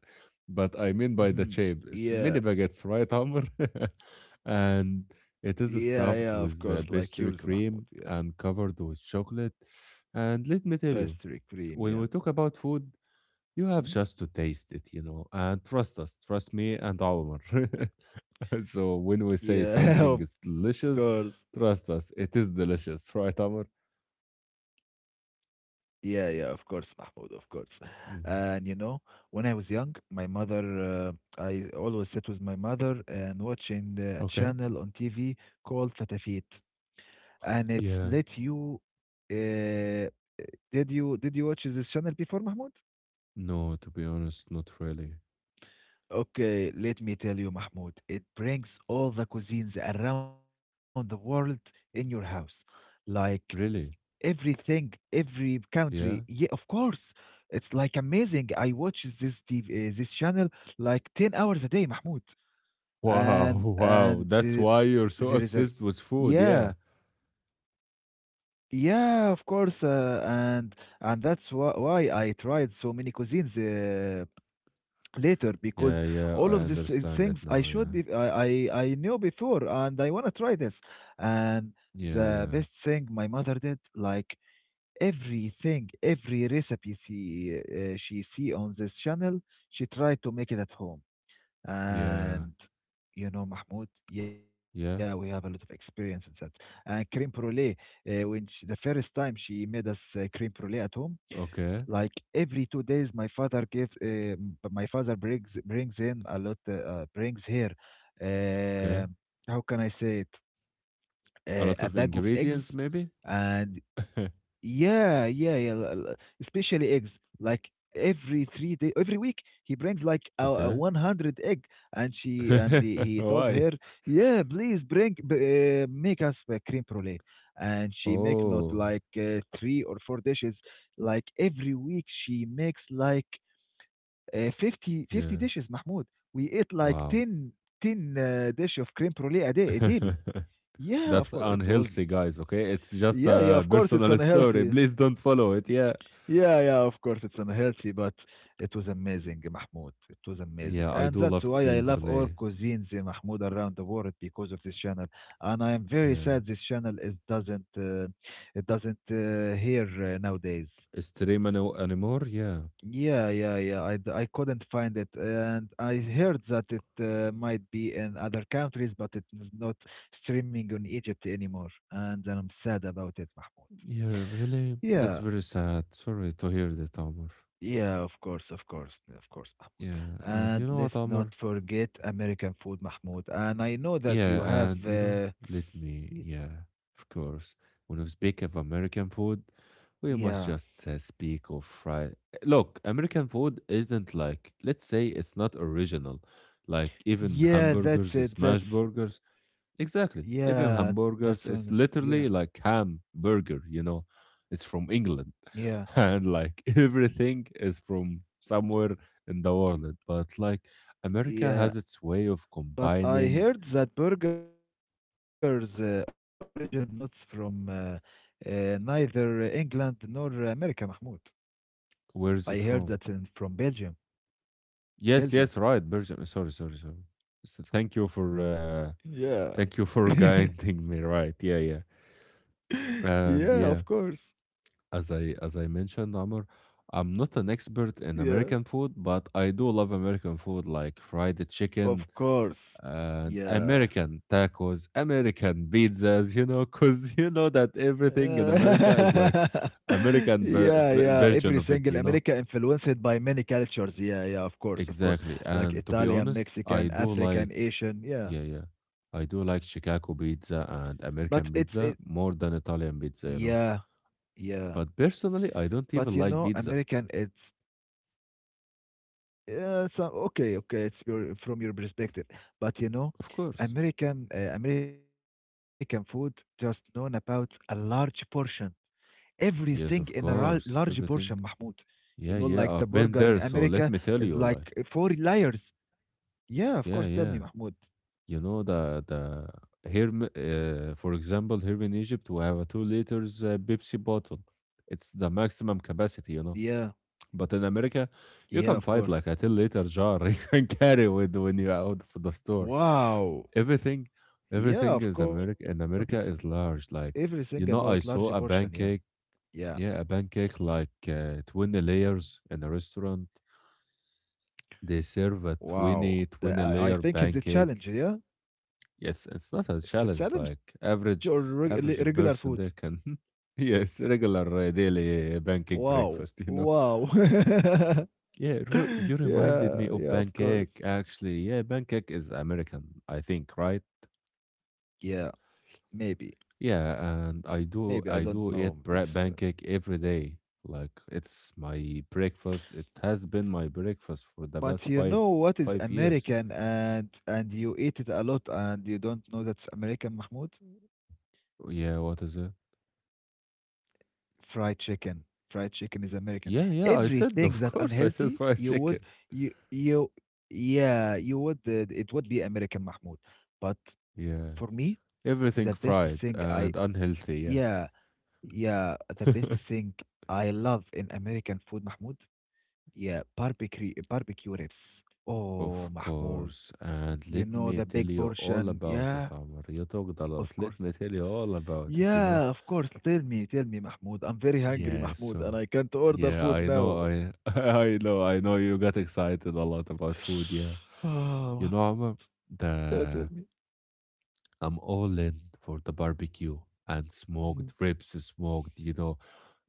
Speaker 1: but I mean by the
Speaker 2: mhm,
Speaker 1: shape, it's mini
Speaker 2: yeah,
Speaker 1: baguettes, right, Amr? [laughs] And
Speaker 2: yeah,
Speaker 1: it is
Speaker 2: yeah. Of course,
Speaker 1: stuffed
Speaker 2: like
Speaker 1: with uh,
Speaker 2: yours, Mahmoud.
Speaker 1: pastry
Speaker 2: Yeah.
Speaker 1: cream and covered with chocolate. And let me tell
Speaker 2: Pastry
Speaker 1: you,
Speaker 2: cream, yeah.
Speaker 1: when we talk about food, you
Speaker 2: Mhm.
Speaker 1: have just to taste it, you know, and trust us, trust me and Omar. [laughs] So when we say
Speaker 2: Yeah, [laughs]
Speaker 1: something
Speaker 2: of
Speaker 1: is
Speaker 2: course.
Speaker 1: delicious, trust us, it is delicious, [laughs] right, Omar?
Speaker 2: Yeah, yeah, of course, Mahmoud, of course.
Speaker 1: Yeah.
Speaker 2: And you know, when I was young, my mother, uh, I always sat with my mother and watching the- a
Speaker 1: Okay.
Speaker 2: channel on T V called Fatafit. And it's
Speaker 1: Yeah.
Speaker 2: let you, uh, did you did you watch this channel before, Mahmoud?
Speaker 1: No, to be honest, not really.
Speaker 2: Okay, let me tell you, Mahmoud, it brings all the cuisines around the world in your house. Like
Speaker 1: Really?
Speaker 2: everything, every country. Yeah,
Speaker 1: Yeah.
Speaker 2: of course, it's like amazing. I watch this T V, uh, this channel like ten hours a day, Mahmoud,
Speaker 1: Wow,
Speaker 2: and
Speaker 1: [laughs] wow.
Speaker 2: and
Speaker 1: That's
Speaker 2: there,
Speaker 1: why
Speaker 2: there is
Speaker 1: you're
Speaker 2: a,
Speaker 1: so obsessed with
Speaker 2: yeah,
Speaker 1: food. Yeah.
Speaker 2: yeah, of course, uh, and and that's why why I tried so many cuisines. Uh, later, because
Speaker 1: Yeah, yeah.
Speaker 2: all
Speaker 1: I
Speaker 2: of these uh,
Speaker 1: understand it
Speaker 2: things I
Speaker 1: now. Yeah.
Speaker 2: should be I, I I knew before and I want to try this, and
Speaker 1: Yeah,
Speaker 2: the
Speaker 1: yeah.
Speaker 2: best thing my mother did, like everything, every recipe she uh, she see on this channel, she tried to make it at home.
Speaker 1: Yeah.
Speaker 2: And you know, Mahmoud, yeah, we have a lot of
Speaker 1: Yeah.
Speaker 2: experience in that. And cream brulee, uh, when she, the first time she made us uh, cream brulee at home, like
Speaker 1: Okay.
Speaker 2: every two days, my father gives, uh, m- my father brings brings in a lot, uh, uh, brings here,
Speaker 1: Okay.
Speaker 2: uh, how can I say it,
Speaker 1: A
Speaker 2: uh,
Speaker 1: lot
Speaker 2: a
Speaker 1: of
Speaker 2: bag of
Speaker 1: ingredients,
Speaker 2: eggs,
Speaker 1: maybe?
Speaker 2: and
Speaker 1: [laughs]
Speaker 2: yeah, yeah, yeah. l- l- Especially eggs. Like every three day, every week, he brings like a, a one
Speaker 1: Okay.
Speaker 2: hundred egg, and she and the,
Speaker 1: [laughs]
Speaker 2: he told her,
Speaker 1: Why?
Speaker 2: "Yeah, please bring, b- uh, make us a cream brulee." And she make not like
Speaker 1: Oh,
Speaker 2: uh, three or four dishes. Like every week, she makes like uh, fifty, fifty
Speaker 1: yeah.
Speaker 2: dishes. Mahmoud, we ate like
Speaker 1: Wow.
Speaker 2: ten ten uh, dish of cream brulee a day, daily.
Speaker 1: [laughs]
Speaker 2: Yeah, of
Speaker 1: That's
Speaker 2: course, it was.
Speaker 1: unhealthy, guys. Okay. It's just
Speaker 2: Yeah, yeah,
Speaker 1: a
Speaker 2: of course, it's
Speaker 1: personal [laughs] story.
Speaker 2: unhealthy.
Speaker 1: Please don't follow it. Yeah.
Speaker 2: Yeah, yeah, of course, it's unhealthy, but it was amazing, Mahmoud. It was amazing.
Speaker 1: Yeah. I
Speaker 2: And
Speaker 1: do
Speaker 2: that's
Speaker 1: love
Speaker 2: why I
Speaker 1: creme
Speaker 2: love all
Speaker 1: brulee.
Speaker 2: cuisines, uh, Mahmoud, around the world because of this channel. And I am very
Speaker 1: Yeah.
Speaker 2: sad this channel is doesn't uh, it doesn't uh, here uh, nowadays.
Speaker 1: Stream any- anymore? Yeah.
Speaker 2: Yeah, yeah, yeah. I, d- I couldn't find it, and I heard that it uh, might be in other countries, but it is not streaming on Egypt anymore. And I'm sad about it, Mahmoud.
Speaker 1: Yeah. Really? That's
Speaker 2: Yeah.
Speaker 1: very sad. Sorry to hear that, Amr.
Speaker 2: Yeah, of course, of course, of course,
Speaker 1: Yeah.
Speaker 2: Mahmoud.
Speaker 1: And
Speaker 2: And
Speaker 1: you know what,
Speaker 2: let's
Speaker 1: Amr?
Speaker 2: not forget American food, Mahmoud. And I know that you
Speaker 1: Yeah, and
Speaker 2: have,
Speaker 1: you know,
Speaker 2: uh,
Speaker 1: let me,
Speaker 2: y-
Speaker 1: yeah, of course. When we speak of American food, we must
Speaker 2: yeah,
Speaker 1: just uh, speak of fried. Look, American food isn't like, let's say it's not original. Like even
Speaker 2: yeah,
Speaker 1: hamburgers,
Speaker 2: that's
Speaker 1: uh,
Speaker 2: it.
Speaker 1: smash
Speaker 2: That's,
Speaker 1: burgers. Exactly.
Speaker 2: yeah,
Speaker 1: Even
Speaker 2: that's on,
Speaker 1: hamburgers,
Speaker 2: yeah,
Speaker 1: it's literally like ham burger, you know. It's from England. [laughs]
Speaker 2: yeah,
Speaker 1: And like everything is from somewhere in the world. But like America has
Speaker 2: yeah.
Speaker 1: its way of
Speaker 2: But
Speaker 1: combining.
Speaker 2: I heard that burgers uh, origin not from uh, uh, neither England nor America, Mahmoud. I
Speaker 1: Where
Speaker 2: heard
Speaker 1: is it
Speaker 2: that in,
Speaker 1: from?
Speaker 2: from Belgium. Belgium.
Speaker 1: Yes, yes, right, Belgium. Sorry, sorry, sorry. So thank you for uh,
Speaker 2: Yeah.
Speaker 1: thank you for [laughs]
Speaker 2: [laughs]
Speaker 1: guiding me. Right, yeah, yeah, and
Speaker 2: Yeah,
Speaker 1: yeah.
Speaker 2: of course.
Speaker 1: As I as I mentioned, Amr, I'm not an expert in American
Speaker 2: Yeah.
Speaker 1: food, but I do love American food, like fried chicken
Speaker 2: Of course.
Speaker 1: and American
Speaker 2: Yeah.
Speaker 1: tacos, American pizzas. You know, because you know that everything in America is
Speaker 2: Uh,
Speaker 1: like
Speaker 2: [laughs]
Speaker 1: American ver-
Speaker 2: yeah,
Speaker 1: ver-
Speaker 2: yeah.
Speaker 1: version of it, you
Speaker 2: Everything in
Speaker 1: know.
Speaker 2: America influenced by many cultures. Yeah, yeah, of course,
Speaker 1: Exactly.
Speaker 2: of course.
Speaker 1: And to be
Speaker 2: Like
Speaker 1: honest,
Speaker 2: Italian,
Speaker 1: I do
Speaker 2: Mexican,
Speaker 1: like,
Speaker 2: African,
Speaker 1: yeah,
Speaker 2: Asian.
Speaker 1: yeah,
Speaker 2: Yeah.
Speaker 1: I do like Chicago pizza
Speaker 2: But
Speaker 1: and
Speaker 2: it's it
Speaker 1: American pizza more than Italian
Speaker 2: yeah,
Speaker 1: pizza, you know.
Speaker 2: yeah.
Speaker 1: But personally, I
Speaker 2: But you
Speaker 1: don't
Speaker 2: know,
Speaker 1: even like
Speaker 2: American
Speaker 1: pizza.
Speaker 2: it's yeah, some okay, okay, it's your from your perspective. But you know,
Speaker 1: Of course.
Speaker 2: American uh, American food just known about a large portion, everything in a
Speaker 1: Yes,
Speaker 2: ra-
Speaker 1: of
Speaker 2: large
Speaker 1: course.
Speaker 2: portion, Mahmoud.
Speaker 1: Everything.
Speaker 2: You know, like
Speaker 1: Yeah,
Speaker 2: the
Speaker 1: yeah,
Speaker 2: burger
Speaker 1: I've
Speaker 2: in
Speaker 1: been there,
Speaker 2: America
Speaker 1: so let me
Speaker 2: is
Speaker 1: tell you,
Speaker 2: like
Speaker 1: like,
Speaker 2: four layers. Yeah, of course.
Speaker 1: yeah,
Speaker 2: Tell me,
Speaker 1: yeah.
Speaker 2: Mahmoud.
Speaker 1: You know the the here, m- uh, for example, here in Egypt, we have a two liters uh, Pepsi bottle. It's the maximum capacity, you know.
Speaker 2: Yeah,
Speaker 1: But in America, you
Speaker 2: yeah,
Speaker 1: can
Speaker 2: of
Speaker 1: find
Speaker 2: course.
Speaker 1: like a ten liter jar [laughs] you can carry with when you're out for the store.
Speaker 2: Wow.
Speaker 1: Everything,
Speaker 2: Yeah,
Speaker 1: everything
Speaker 2: of
Speaker 1: is
Speaker 2: course. It's
Speaker 1: America in America is large.
Speaker 2: everything
Speaker 1: Like,
Speaker 2: about
Speaker 1: you know,
Speaker 2: large
Speaker 1: I
Speaker 2: portion.
Speaker 1: saw a
Speaker 2: Yeah,
Speaker 1: pancake.
Speaker 2: yeah.
Speaker 1: Yeah, a pancake like uh, twenty layers in a restaurant. They serve a twenty
Speaker 2: Wow.
Speaker 1: twenty
Speaker 2: The-
Speaker 1: layer
Speaker 2: I, I think it's
Speaker 1: pancake.
Speaker 2: a challenge. Yeah,
Speaker 1: Yes, it's not a challenge. Like
Speaker 2: it's a challenge
Speaker 1: average,
Speaker 2: or reg-
Speaker 1: average
Speaker 2: li- regular
Speaker 1: person
Speaker 2: food.
Speaker 1: there can. [laughs] Yes, regular uh, daily uh, pancake
Speaker 2: Wow.
Speaker 1: breakfast, you know.
Speaker 2: Wow. [laughs]
Speaker 1: Yeah, Ru- you
Speaker 2: yeah,
Speaker 1: reminded me of
Speaker 2: yeah, of
Speaker 1: pancake
Speaker 2: course.
Speaker 1: actually. Yeah, pancake is American, I think, right?
Speaker 2: Yeah, maybe.
Speaker 1: Yeah, and I do
Speaker 2: Maybe
Speaker 1: I
Speaker 2: I
Speaker 1: do
Speaker 2: don't
Speaker 1: eat
Speaker 2: know
Speaker 1: bread
Speaker 2: this.
Speaker 1: pancake every day. Like it's my breakfast. It has been my breakfast for the
Speaker 2: But
Speaker 1: past
Speaker 2: you
Speaker 1: five
Speaker 2: know what is
Speaker 1: five years.
Speaker 2: American and and you eat it a lot and you don't know that's American, Mahmoud?
Speaker 1: Yeah, what is it?
Speaker 2: Fried chicken. Fried chicken is American.
Speaker 1: Yeah, yeah, I said, [laughs]
Speaker 2: Everything
Speaker 1: of
Speaker 2: that
Speaker 1: course, I said
Speaker 2: unhealthy,
Speaker 1: fried
Speaker 2: you would
Speaker 1: chicken.
Speaker 2: you you yeah, you would uh, it would be American, Mahmoud. But
Speaker 1: Yeah,
Speaker 2: for me,
Speaker 1: everything
Speaker 2: the best
Speaker 1: fried
Speaker 2: thing
Speaker 1: and
Speaker 2: I
Speaker 1: unhealthy,
Speaker 2: yeah, yeah,
Speaker 1: yeah.
Speaker 2: the best
Speaker 1: [laughs]
Speaker 2: thing I love in American food, Mahmoud, yeah, barbecue barbecue ribs.
Speaker 1: Of
Speaker 2: Oh, Mahmoud.
Speaker 1: course, and
Speaker 2: You
Speaker 1: let
Speaker 2: know
Speaker 1: me
Speaker 2: the
Speaker 1: tell
Speaker 2: big
Speaker 1: you all
Speaker 2: portion.
Speaker 1: about
Speaker 2: Yeah,
Speaker 1: it, Amr. You talked a lot.
Speaker 2: of
Speaker 1: Let me
Speaker 2: course.
Speaker 1: tell you all about it, you know?
Speaker 2: Yeah, of course. Tell me, tell me, Mahmoud. I'm very hungry,
Speaker 1: Yeah,
Speaker 2: Mahmoud,
Speaker 1: so
Speaker 2: and I can't order
Speaker 1: yeah,
Speaker 2: food
Speaker 1: I know
Speaker 2: now.
Speaker 1: I [laughs] I know I know you got excited a lot about food, yeah.
Speaker 2: [sighs]
Speaker 1: You
Speaker 2: Oh,
Speaker 1: know, Amr,
Speaker 2: yeah, tell
Speaker 1: the
Speaker 2: me.
Speaker 1: I'm all in for the barbecue and smoked
Speaker 2: Mhm,
Speaker 1: ribs, smoked, you know,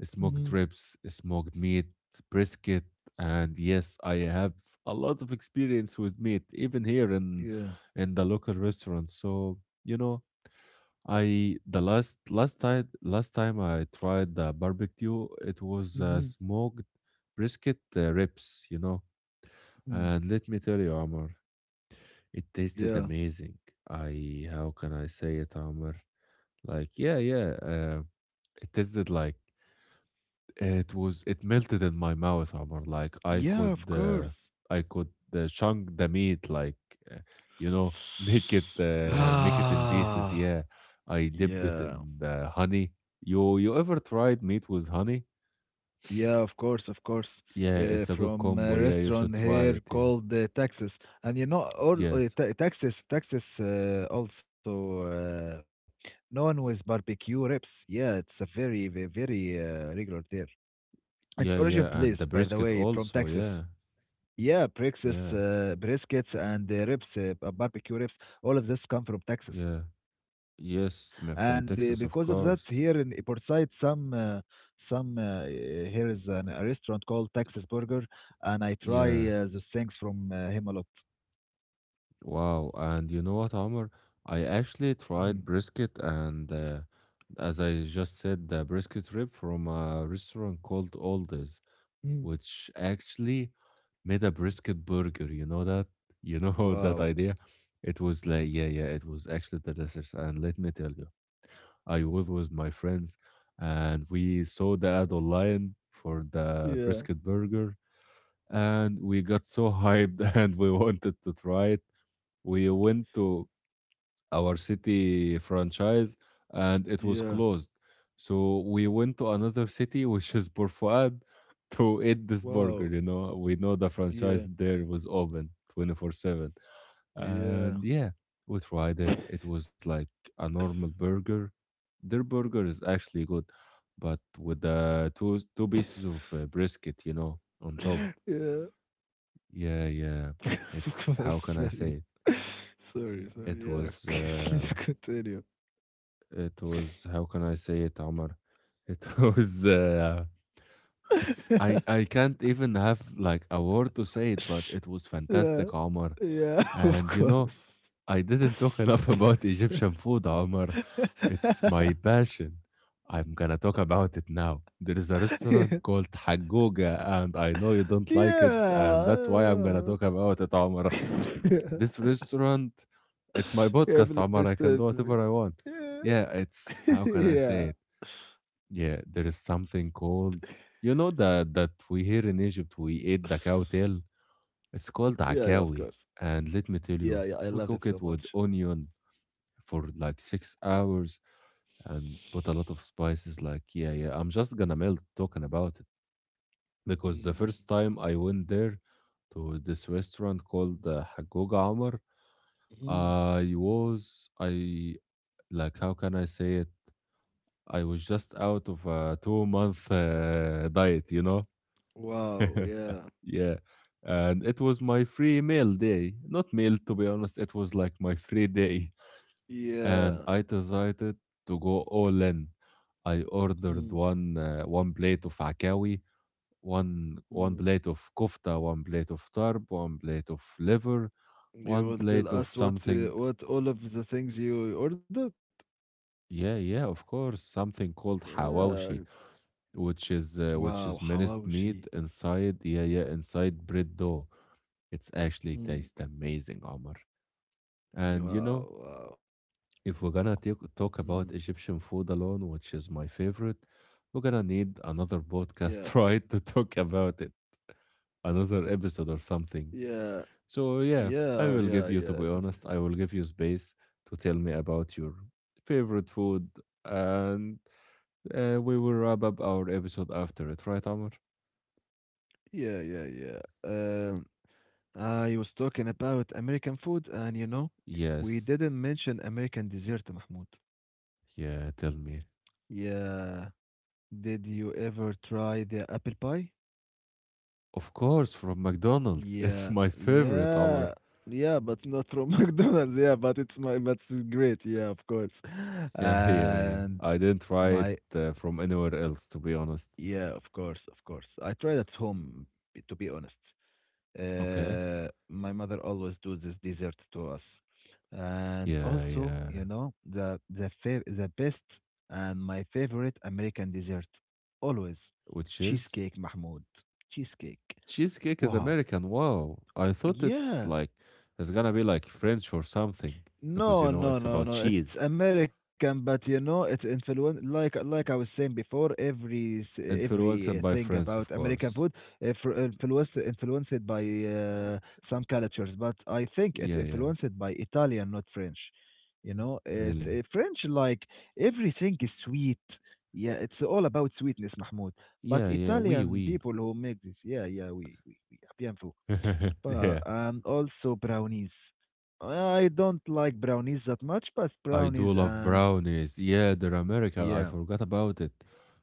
Speaker 1: smoked
Speaker 2: mhm,
Speaker 1: ribs, smoked meat, brisket. And yes, I have a lot of experience with meat, even here in
Speaker 2: yeah.
Speaker 1: in the local restaurant. So, you know, I the last last time last time I tried the barbecue, it was uh,
Speaker 2: Mhm,
Speaker 1: smoked brisket uh, ribs, you know.
Speaker 2: mhm,
Speaker 1: And let me tell you, Amar, it tasted
Speaker 2: yeah.
Speaker 1: amazing. I how can I say it, Amar? Like, yeah, yeah. Uh, it tasted like it was. It melted in my mouth, Omar. Like I
Speaker 2: Yeah,
Speaker 1: could,
Speaker 2: of
Speaker 1: uh,
Speaker 2: course.
Speaker 1: I could uh, chunk the meat, like uh, you know, [laughs] make it,
Speaker 2: [sighs]
Speaker 1: uh, make it in pieces.
Speaker 2: Ah,
Speaker 1: Yeah, I dipped it
Speaker 2: yeah.
Speaker 1: in the honey. You, you ever tried meat with honey?
Speaker 2: Yeah, of course, of course.
Speaker 1: Yeah,
Speaker 2: Uh,
Speaker 1: it's a good
Speaker 2: from a
Speaker 1: combo. Yeah, you
Speaker 2: restaurant
Speaker 1: should try
Speaker 2: here
Speaker 1: it. Yeah.
Speaker 2: called uh, Texas, and you know, all uh,
Speaker 1: Yes.
Speaker 2: Ta- Texas, Texas uh, also uh, known with barbecue ribs. Yeah, it's a very, very, very uh, regular there. Its
Speaker 1: Yeah,
Speaker 2: origin
Speaker 1: yeah, and the
Speaker 2: place, by the
Speaker 1: brisket
Speaker 2: way, from
Speaker 1: also.
Speaker 2: Texas.
Speaker 1: Yeah,
Speaker 2: Yeah, briskets,
Speaker 1: yeah,
Speaker 2: uh, briskets, and uh, ribs, uh, b- barbecue ribs, all of this come from
Speaker 1: yeah.
Speaker 2: Texas. And uh,
Speaker 1: Yes,
Speaker 2: because of
Speaker 1: ma-
Speaker 2: that,
Speaker 1: from
Speaker 2: here
Speaker 1: Texas,
Speaker 2: in
Speaker 1: of
Speaker 2: Portside,
Speaker 1: course.
Speaker 2: some, uh, some uh, eh, here is an, a restaurant called Texas Burger, and I try uh, those
Speaker 1: Yeah.
Speaker 2: things from uh, him a lot.
Speaker 1: Wow, and you know what, Omar? I actually
Speaker 2: Mm,
Speaker 1: tried brisket, and uh, as I just said, the brisket rib from a restaurant called Aldi's,
Speaker 2: mm.
Speaker 1: which actually made a brisket burger. You know that? You know [laughs] that
Speaker 2: Wow.
Speaker 1: idea? It was like, yeah, yeah, it was actually delicious. And let me tell you, I was with my friends, and we saw the ad online for the
Speaker 2: Yeah.
Speaker 1: brisket burger, and we got so hyped [laughs] and we wanted to try it. We went to our city franchise and it was
Speaker 2: Yeah.
Speaker 1: closed. So we went to another city, which is Port Fouad, [laughs] to eat this burger.
Speaker 2: Wow.
Speaker 1: You know, we know the
Speaker 2: Yeah.
Speaker 1: franchise there was open twenty-four seven.
Speaker 2: Yeah.
Speaker 1: And yeah, we tried it. It was like a normal burger. Their burger is actually good, but with the two, two pieces of uh, brisket, you know, on top.
Speaker 2: [laughs] Yeah.
Speaker 1: Yeah, yeah.
Speaker 2: [laughs] Of
Speaker 1: It's
Speaker 2: course,
Speaker 1: how can I
Speaker 2: sorry.
Speaker 1: say
Speaker 2: [laughs] Sorry.
Speaker 1: it?
Speaker 2: Sorry.
Speaker 1: It
Speaker 2: Yeah.
Speaker 1: was.
Speaker 2: [laughs] Okay, please
Speaker 1: Uh,
Speaker 2: continue.
Speaker 1: It was how can I say it, Omar? It [laughs] was uh, it's I I
Speaker 2: [laughs]
Speaker 1: can't even have like a word to say it, but it was
Speaker 2: Yeah.
Speaker 1: fantastic, Omar.
Speaker 2: Yeah, [laughs] of
Speaker 1: And you know,
Speaker 2: course.
Speaker 1: I didn't talk [laughs] enough about Egyptian food, Omar. It's my
Speaker 2: [laughs]
Speaker 1: passion. I'm gonna talk about it now. There is a
Speaker 2: Yeah.
Speaker 1: restaurant called Hagoga, and I know you don't like it, and that's why I'm gonna
Speaker 2: Yeah.
Speaker 1: talk about it, Omar.
Speaker 2: [laughs]
Speaker 1: This restaurant, it's my
Speaker 2: Yeah,
Speaker 1: podcast, Omar.
Speaker 2: please
Speaker 1: I can
Speaker 2: tell
Speaker 1: do
Speaker 2: me.
Speaker 1: whatever I want.
Speaker 2: Yeah.
Speaker 1: Yeah, it's how
Speaker 2: [laughs]
Speaker 1: can I say
Speaker 2: Yeah.
Speaker 1: it? Yeah, there is something called you know that that we here in Egypt we eat the cow tail. It's called
Speaker 2: Yeah, yeah,
Speaker 1: akawi,
Speaker 2: of course.
Speaker 1: and let me tell you,
Speaker 2: Yeah, yeah,
Speaker 1: we
Speaker 2: I
Speaker 1: cook
Speaker 2: love
Speaker 1: it
Speaker 2: it
Speaker 1: with
Speaker 2: so much.
Speaker 1: onion for like six hours and put a lot of spices. Like yeah, yeah, I'm just gonna melt talking about it because the first
Speaker 2: Mm.
Speaker 1: time I went there to this restaurant called uh, Hagoga Omar,
Speaker 2: Mhm.
Speaker 1: I was I like how can I say it? I was just out of a two month uh, diet, you know.
Speaker 2: Wow, yeah.
Speaker 1: [laughs] yeah, and it was my free meal day, not meal to be honest. It was like my free day, and
Speaker 2: Yeah.
Speaker 1: I decided to go all in. I ordered
Speaker 2: Mm.
Speaker 1: one uh, one plate of akawi, one one
Speaker 2: Mm.
Speaker 1: plate of kofta, one plate of tarb, one plate of liver,
Speaker 2: You
Speaker 1: one
Speaker 2: will tell
Speaker 1: plate of
Speaker 2: us what
Speaker 1: something.
Speaker 2: uh, what all of the things you ordered?
Speaker 1: Yeah, yeah, of course. Something called
Speaker 2: Yeah.
Speaker 1: hawawashi, which
Speaker 2: Wow,
Speaker 1: is uh, which is
Speaker 2: حواوشي.
Speaker 1: minced meat inside, yeah, yeah, inside bread dough. It's actually
Speaker 2: Mm.
Speaker 1: tastes amazing, Omar. And
Speaker 2: Wow,
Speaker 1: you know,
Speaker 2: wow. Mm.
Speaker 1: if we're gonna take, talk about Egyptian food alone, which is my favorite, we're gonna
Speaker 2: Yeah,
Speaker 1: need another podcast, [laughs] right, to talk about it, another episode
Speaker 2: yeah,
Speaker 1: or something.
Speaker 2: yeah,
Speaker 1: So
Speaker 2: yeah,
Speaker 1: yeah,
Speaker 2: yeah,
Speaker 1: I
Speaker 2: that-
Speaker 1: will give you, to be honest, I will give you space to tell me about your favorite food, and uh, we will wrap up our episode after it, right, Amr?
Speaker 2: yeah, yeah, yeah. Um, I was talking about American food, and you know, we
Speaker 1: Yes.
Speaker 2: didn't mention American dessert, Mahmoud.
Speaker 1: Yeah, tell me.
Speaker 2: Yeah, did you ever try the apple pie?
Speaker 1: Of course, from McDonald's. [laughs] It's
Speaker 2: Yeah,
Speaker 1: my favorite, Amr.
Speaker 2: yeah, yeah, but not from [laughs] McDonald's. Yeah, but it's my, but it's great. Yeah, of course. [laughs]
Speaker 1: Yeah, [laughs] yeah, yeah.
Speaker 2: And
Speaker 1: I didn't try it
Speaker 2: my,
Speaker 1: uh, from anywhere else, to be honest.
Speaker 2: yeah, of course, of course. I tried at home, to be honest.
Speaker 1: Okay.
Speaker 2: Uh, my mother always do this dessert to us, and
Speaker 1: Yeah,
Speaker 2: also,
Speaker 1: yeah.
Speaker 2: you know, the the fav- the best and my favorite American dessert, always
Speaker 1: Which is?
Speaker 2: cheesecake, Mahmoud. Cheesecake.
Speaker 1: Cheesecake is
Speaker 2: Wow.
Speaker 1: American. Wow. I thought it's
Speaker 2: Yeah.
Speaker 1: like it's gonna be like French or something because you
Speaker 2: No,
Speaker 1: know
Speaker 2: no,
Speaker 1: it's
Speaker 2: no,
Speaker 1: about
Speaker 2: no. It's
Speaker 1: cheese.
Speaker 2: American, but you know, it influence like like I was saying before. Every s- every uh, thing
Speaker 1: Influenced by
Speaker 2: about
Speaker 1: France, of
Speaker 2: American food
Speaker 1: course.
Speaker 2: uh, fr- uh, influenced influenced by uh, some cultures, but I think it
Speaker 1: Yeah, yeah.
Speaker 2: influenced by Italian, not French. You know, uh,
Speaker 1: Really.
Speaker 2: th- French, like, everything is sweet. Yeah, it's all about sweetness, Mahmoud.
Speaker 1: Yeah,
Speaker 2: But
Speaker 1: yeah. We,
Speaker 2: Italian
Speaker 1: we.
Speaker 2: people who make this, yeah, yeah, we we we
Speaker 1: [laughs]
Speaker 2: Pa-
Speaker 1: yeah.
Speaker 2: and also brownies. I don't like brownies that much, but
Speaker 1: I do
Speaker 2: brownies,
Speaker 1: love
Speaker 2: uh,
Speaker 1: brownies. Yeah, they're American. I
Speaker 2: yeah,
Speaker 1: forgot about it.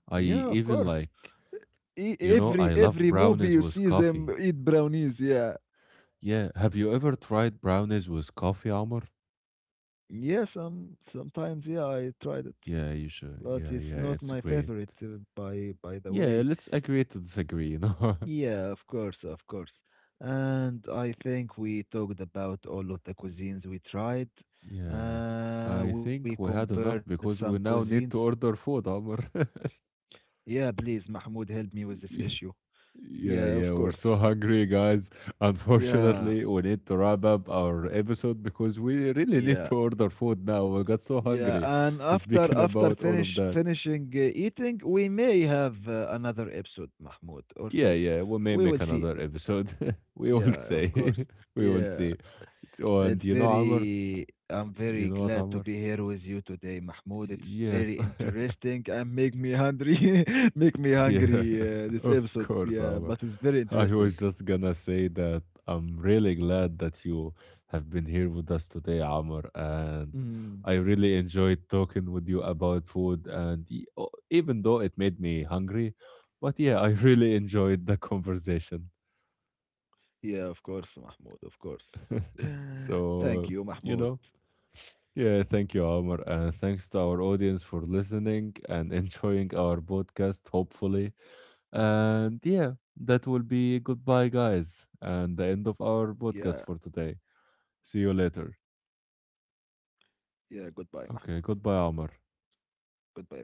Speaker 1: I
Speaker 2: yeah, of
Speaker 1: even
Speaker 2: course.
Speaker 1: like,
Speaker 2: E-
Speaker 1: you know,
Speaker 2: every
Speaker 1: I love
Speaker 2: every movie
Speaker 1: brownies
Speaker 2: you
Speaker 1: with
Speaker 2: see them
Speaker 1: coffee.
Speaker 2: eat brownies. Yeah,
Speaker 1: Yeah. Have you ever tried brownies with coffee, Amr?
Speaker 2: yeah. Some sometimes, yeah, I tried it,
Speaker 1: Yeah, you should.
Speaker 2: but
Speaker 1: Yeah,
Speaker 2: it's
Speaker 1: yeah.
Speaker 2: not
Speaker 1: It's
Speaker 2: my
Speaker 1: great.
Speaker 2: favorite. Uh, by by the
Speaker 1: Yeah,
Speaker 2: way,
Speaker 1: let's agree to disagree, you know? [laughs]
Speaker 2: yeah, of course, of course. And I think we talked about all of the cuisines we tried.
Speaker 1: Yeah.
Speaker 2: Uh, we
Speaker 1: I think
Speaker 2: compared
Speaker 1: we had
Speaker 2: some
Speaker 1: enough because
Speaker 2: cuisines.
Speaker 1: we now need to order food, Omar. [laughs]
Speaker 2: Yeah, please, Mahmoud, help me with this issue.
Speaker 1: Y-
Speaker 2: Yeah, of
Speaker 1: Yeah, yeah,
Speaker 2: course.
Speaker 1: we're so hungry, guys. [laughs]
Speaker 2: Yeah,
Speaker 1: Unfortunately, we need to wrap up our episode because we really
Speaker 2: yeah,
Speaker 1: need to order food now. We got so
Speaker 2: yeah.
Speaker 1: hungry
Speaker 2: And
Speaker 1: [laughs]
Speaker 2: after
Speaker 1: speaking
Speaker 2: after
Speaker 1: about all
Speaker 2: finish
Speaker 1: of that.
Speaker 2: finishing uh, eating, we may have uh, another episode, Mahmoud, or two.
Speaker 1: Yeah, yeah, we may
Speaker 2: We will
Speaker 1: make
Speaker 2: see.
Speaker 1: another episode. [laughs] We will
Speaker 2: Yeah, of
Speaker 1: say.
Speaker 2: course.
Speaker 1: [laughs] We will
Speaker 2: Yeah,
Speaker 1: see. So, and
Speaker 2: it's
Speaker 1: you know, Amr,
Speaker 2: very. I'm
Speaker 1: you
Speaker 2: very
Speaker 1: know what,
Speaker 2: glad to
Speaker 1: Amr?
Speaker 2: be here with you today, Mahmoud. It's
Speaker 1: Yes.
Speaker 2: very
Speaker 1: [laughs]
Speaker 2: interesting and make me hungry. [laughs] Make me
Speaker 1: Yeah,
Speaker 2: hungry. Uh,
Speaker 1: [laughs]
Speaker 2: this
Speaker 1: of
Speaker 2: episode,
Speaker 1: course,
Speaker 2: yeah,
Speaker 1: Omar.
Speaker 2: but it's very
Speaker 1: I was
Speaker 2: interesting.
Speaker 1: just gonna say that I'm really glad that you have been here with us today, Amr, and
Speaker 2: Mm-hmm.
Speaker 1: I really enjoyed talking with you about food. And e- o- even though it made me hungry, but yeah, I really enjoyed the conversation.
Speaker 2: Yeah, of course, Mahmoud, of course. [laughs]
Speaker 1: [laughs]
Speaker 2: Thank you,
Speaker 1: so
Speaker 2: Mahmoud.
Speaker 1: you know, yeah, thank you, Amr, and thanks to our audience for listening and enjoying our podcast. Hopefully. And yeah, that will be goodbye, guys, and the end
Speaker 2: Yeah,
Speaker 1: of our podcast for today. See you later.
Speaker 2: yeah, goodbye, Mahmoud.
Speaker 1: Okay, goodbye,
Speaker 2: Goodbye,
Speaker 1: Amr.
Speaker 2: everyone. Goodbye, everyone.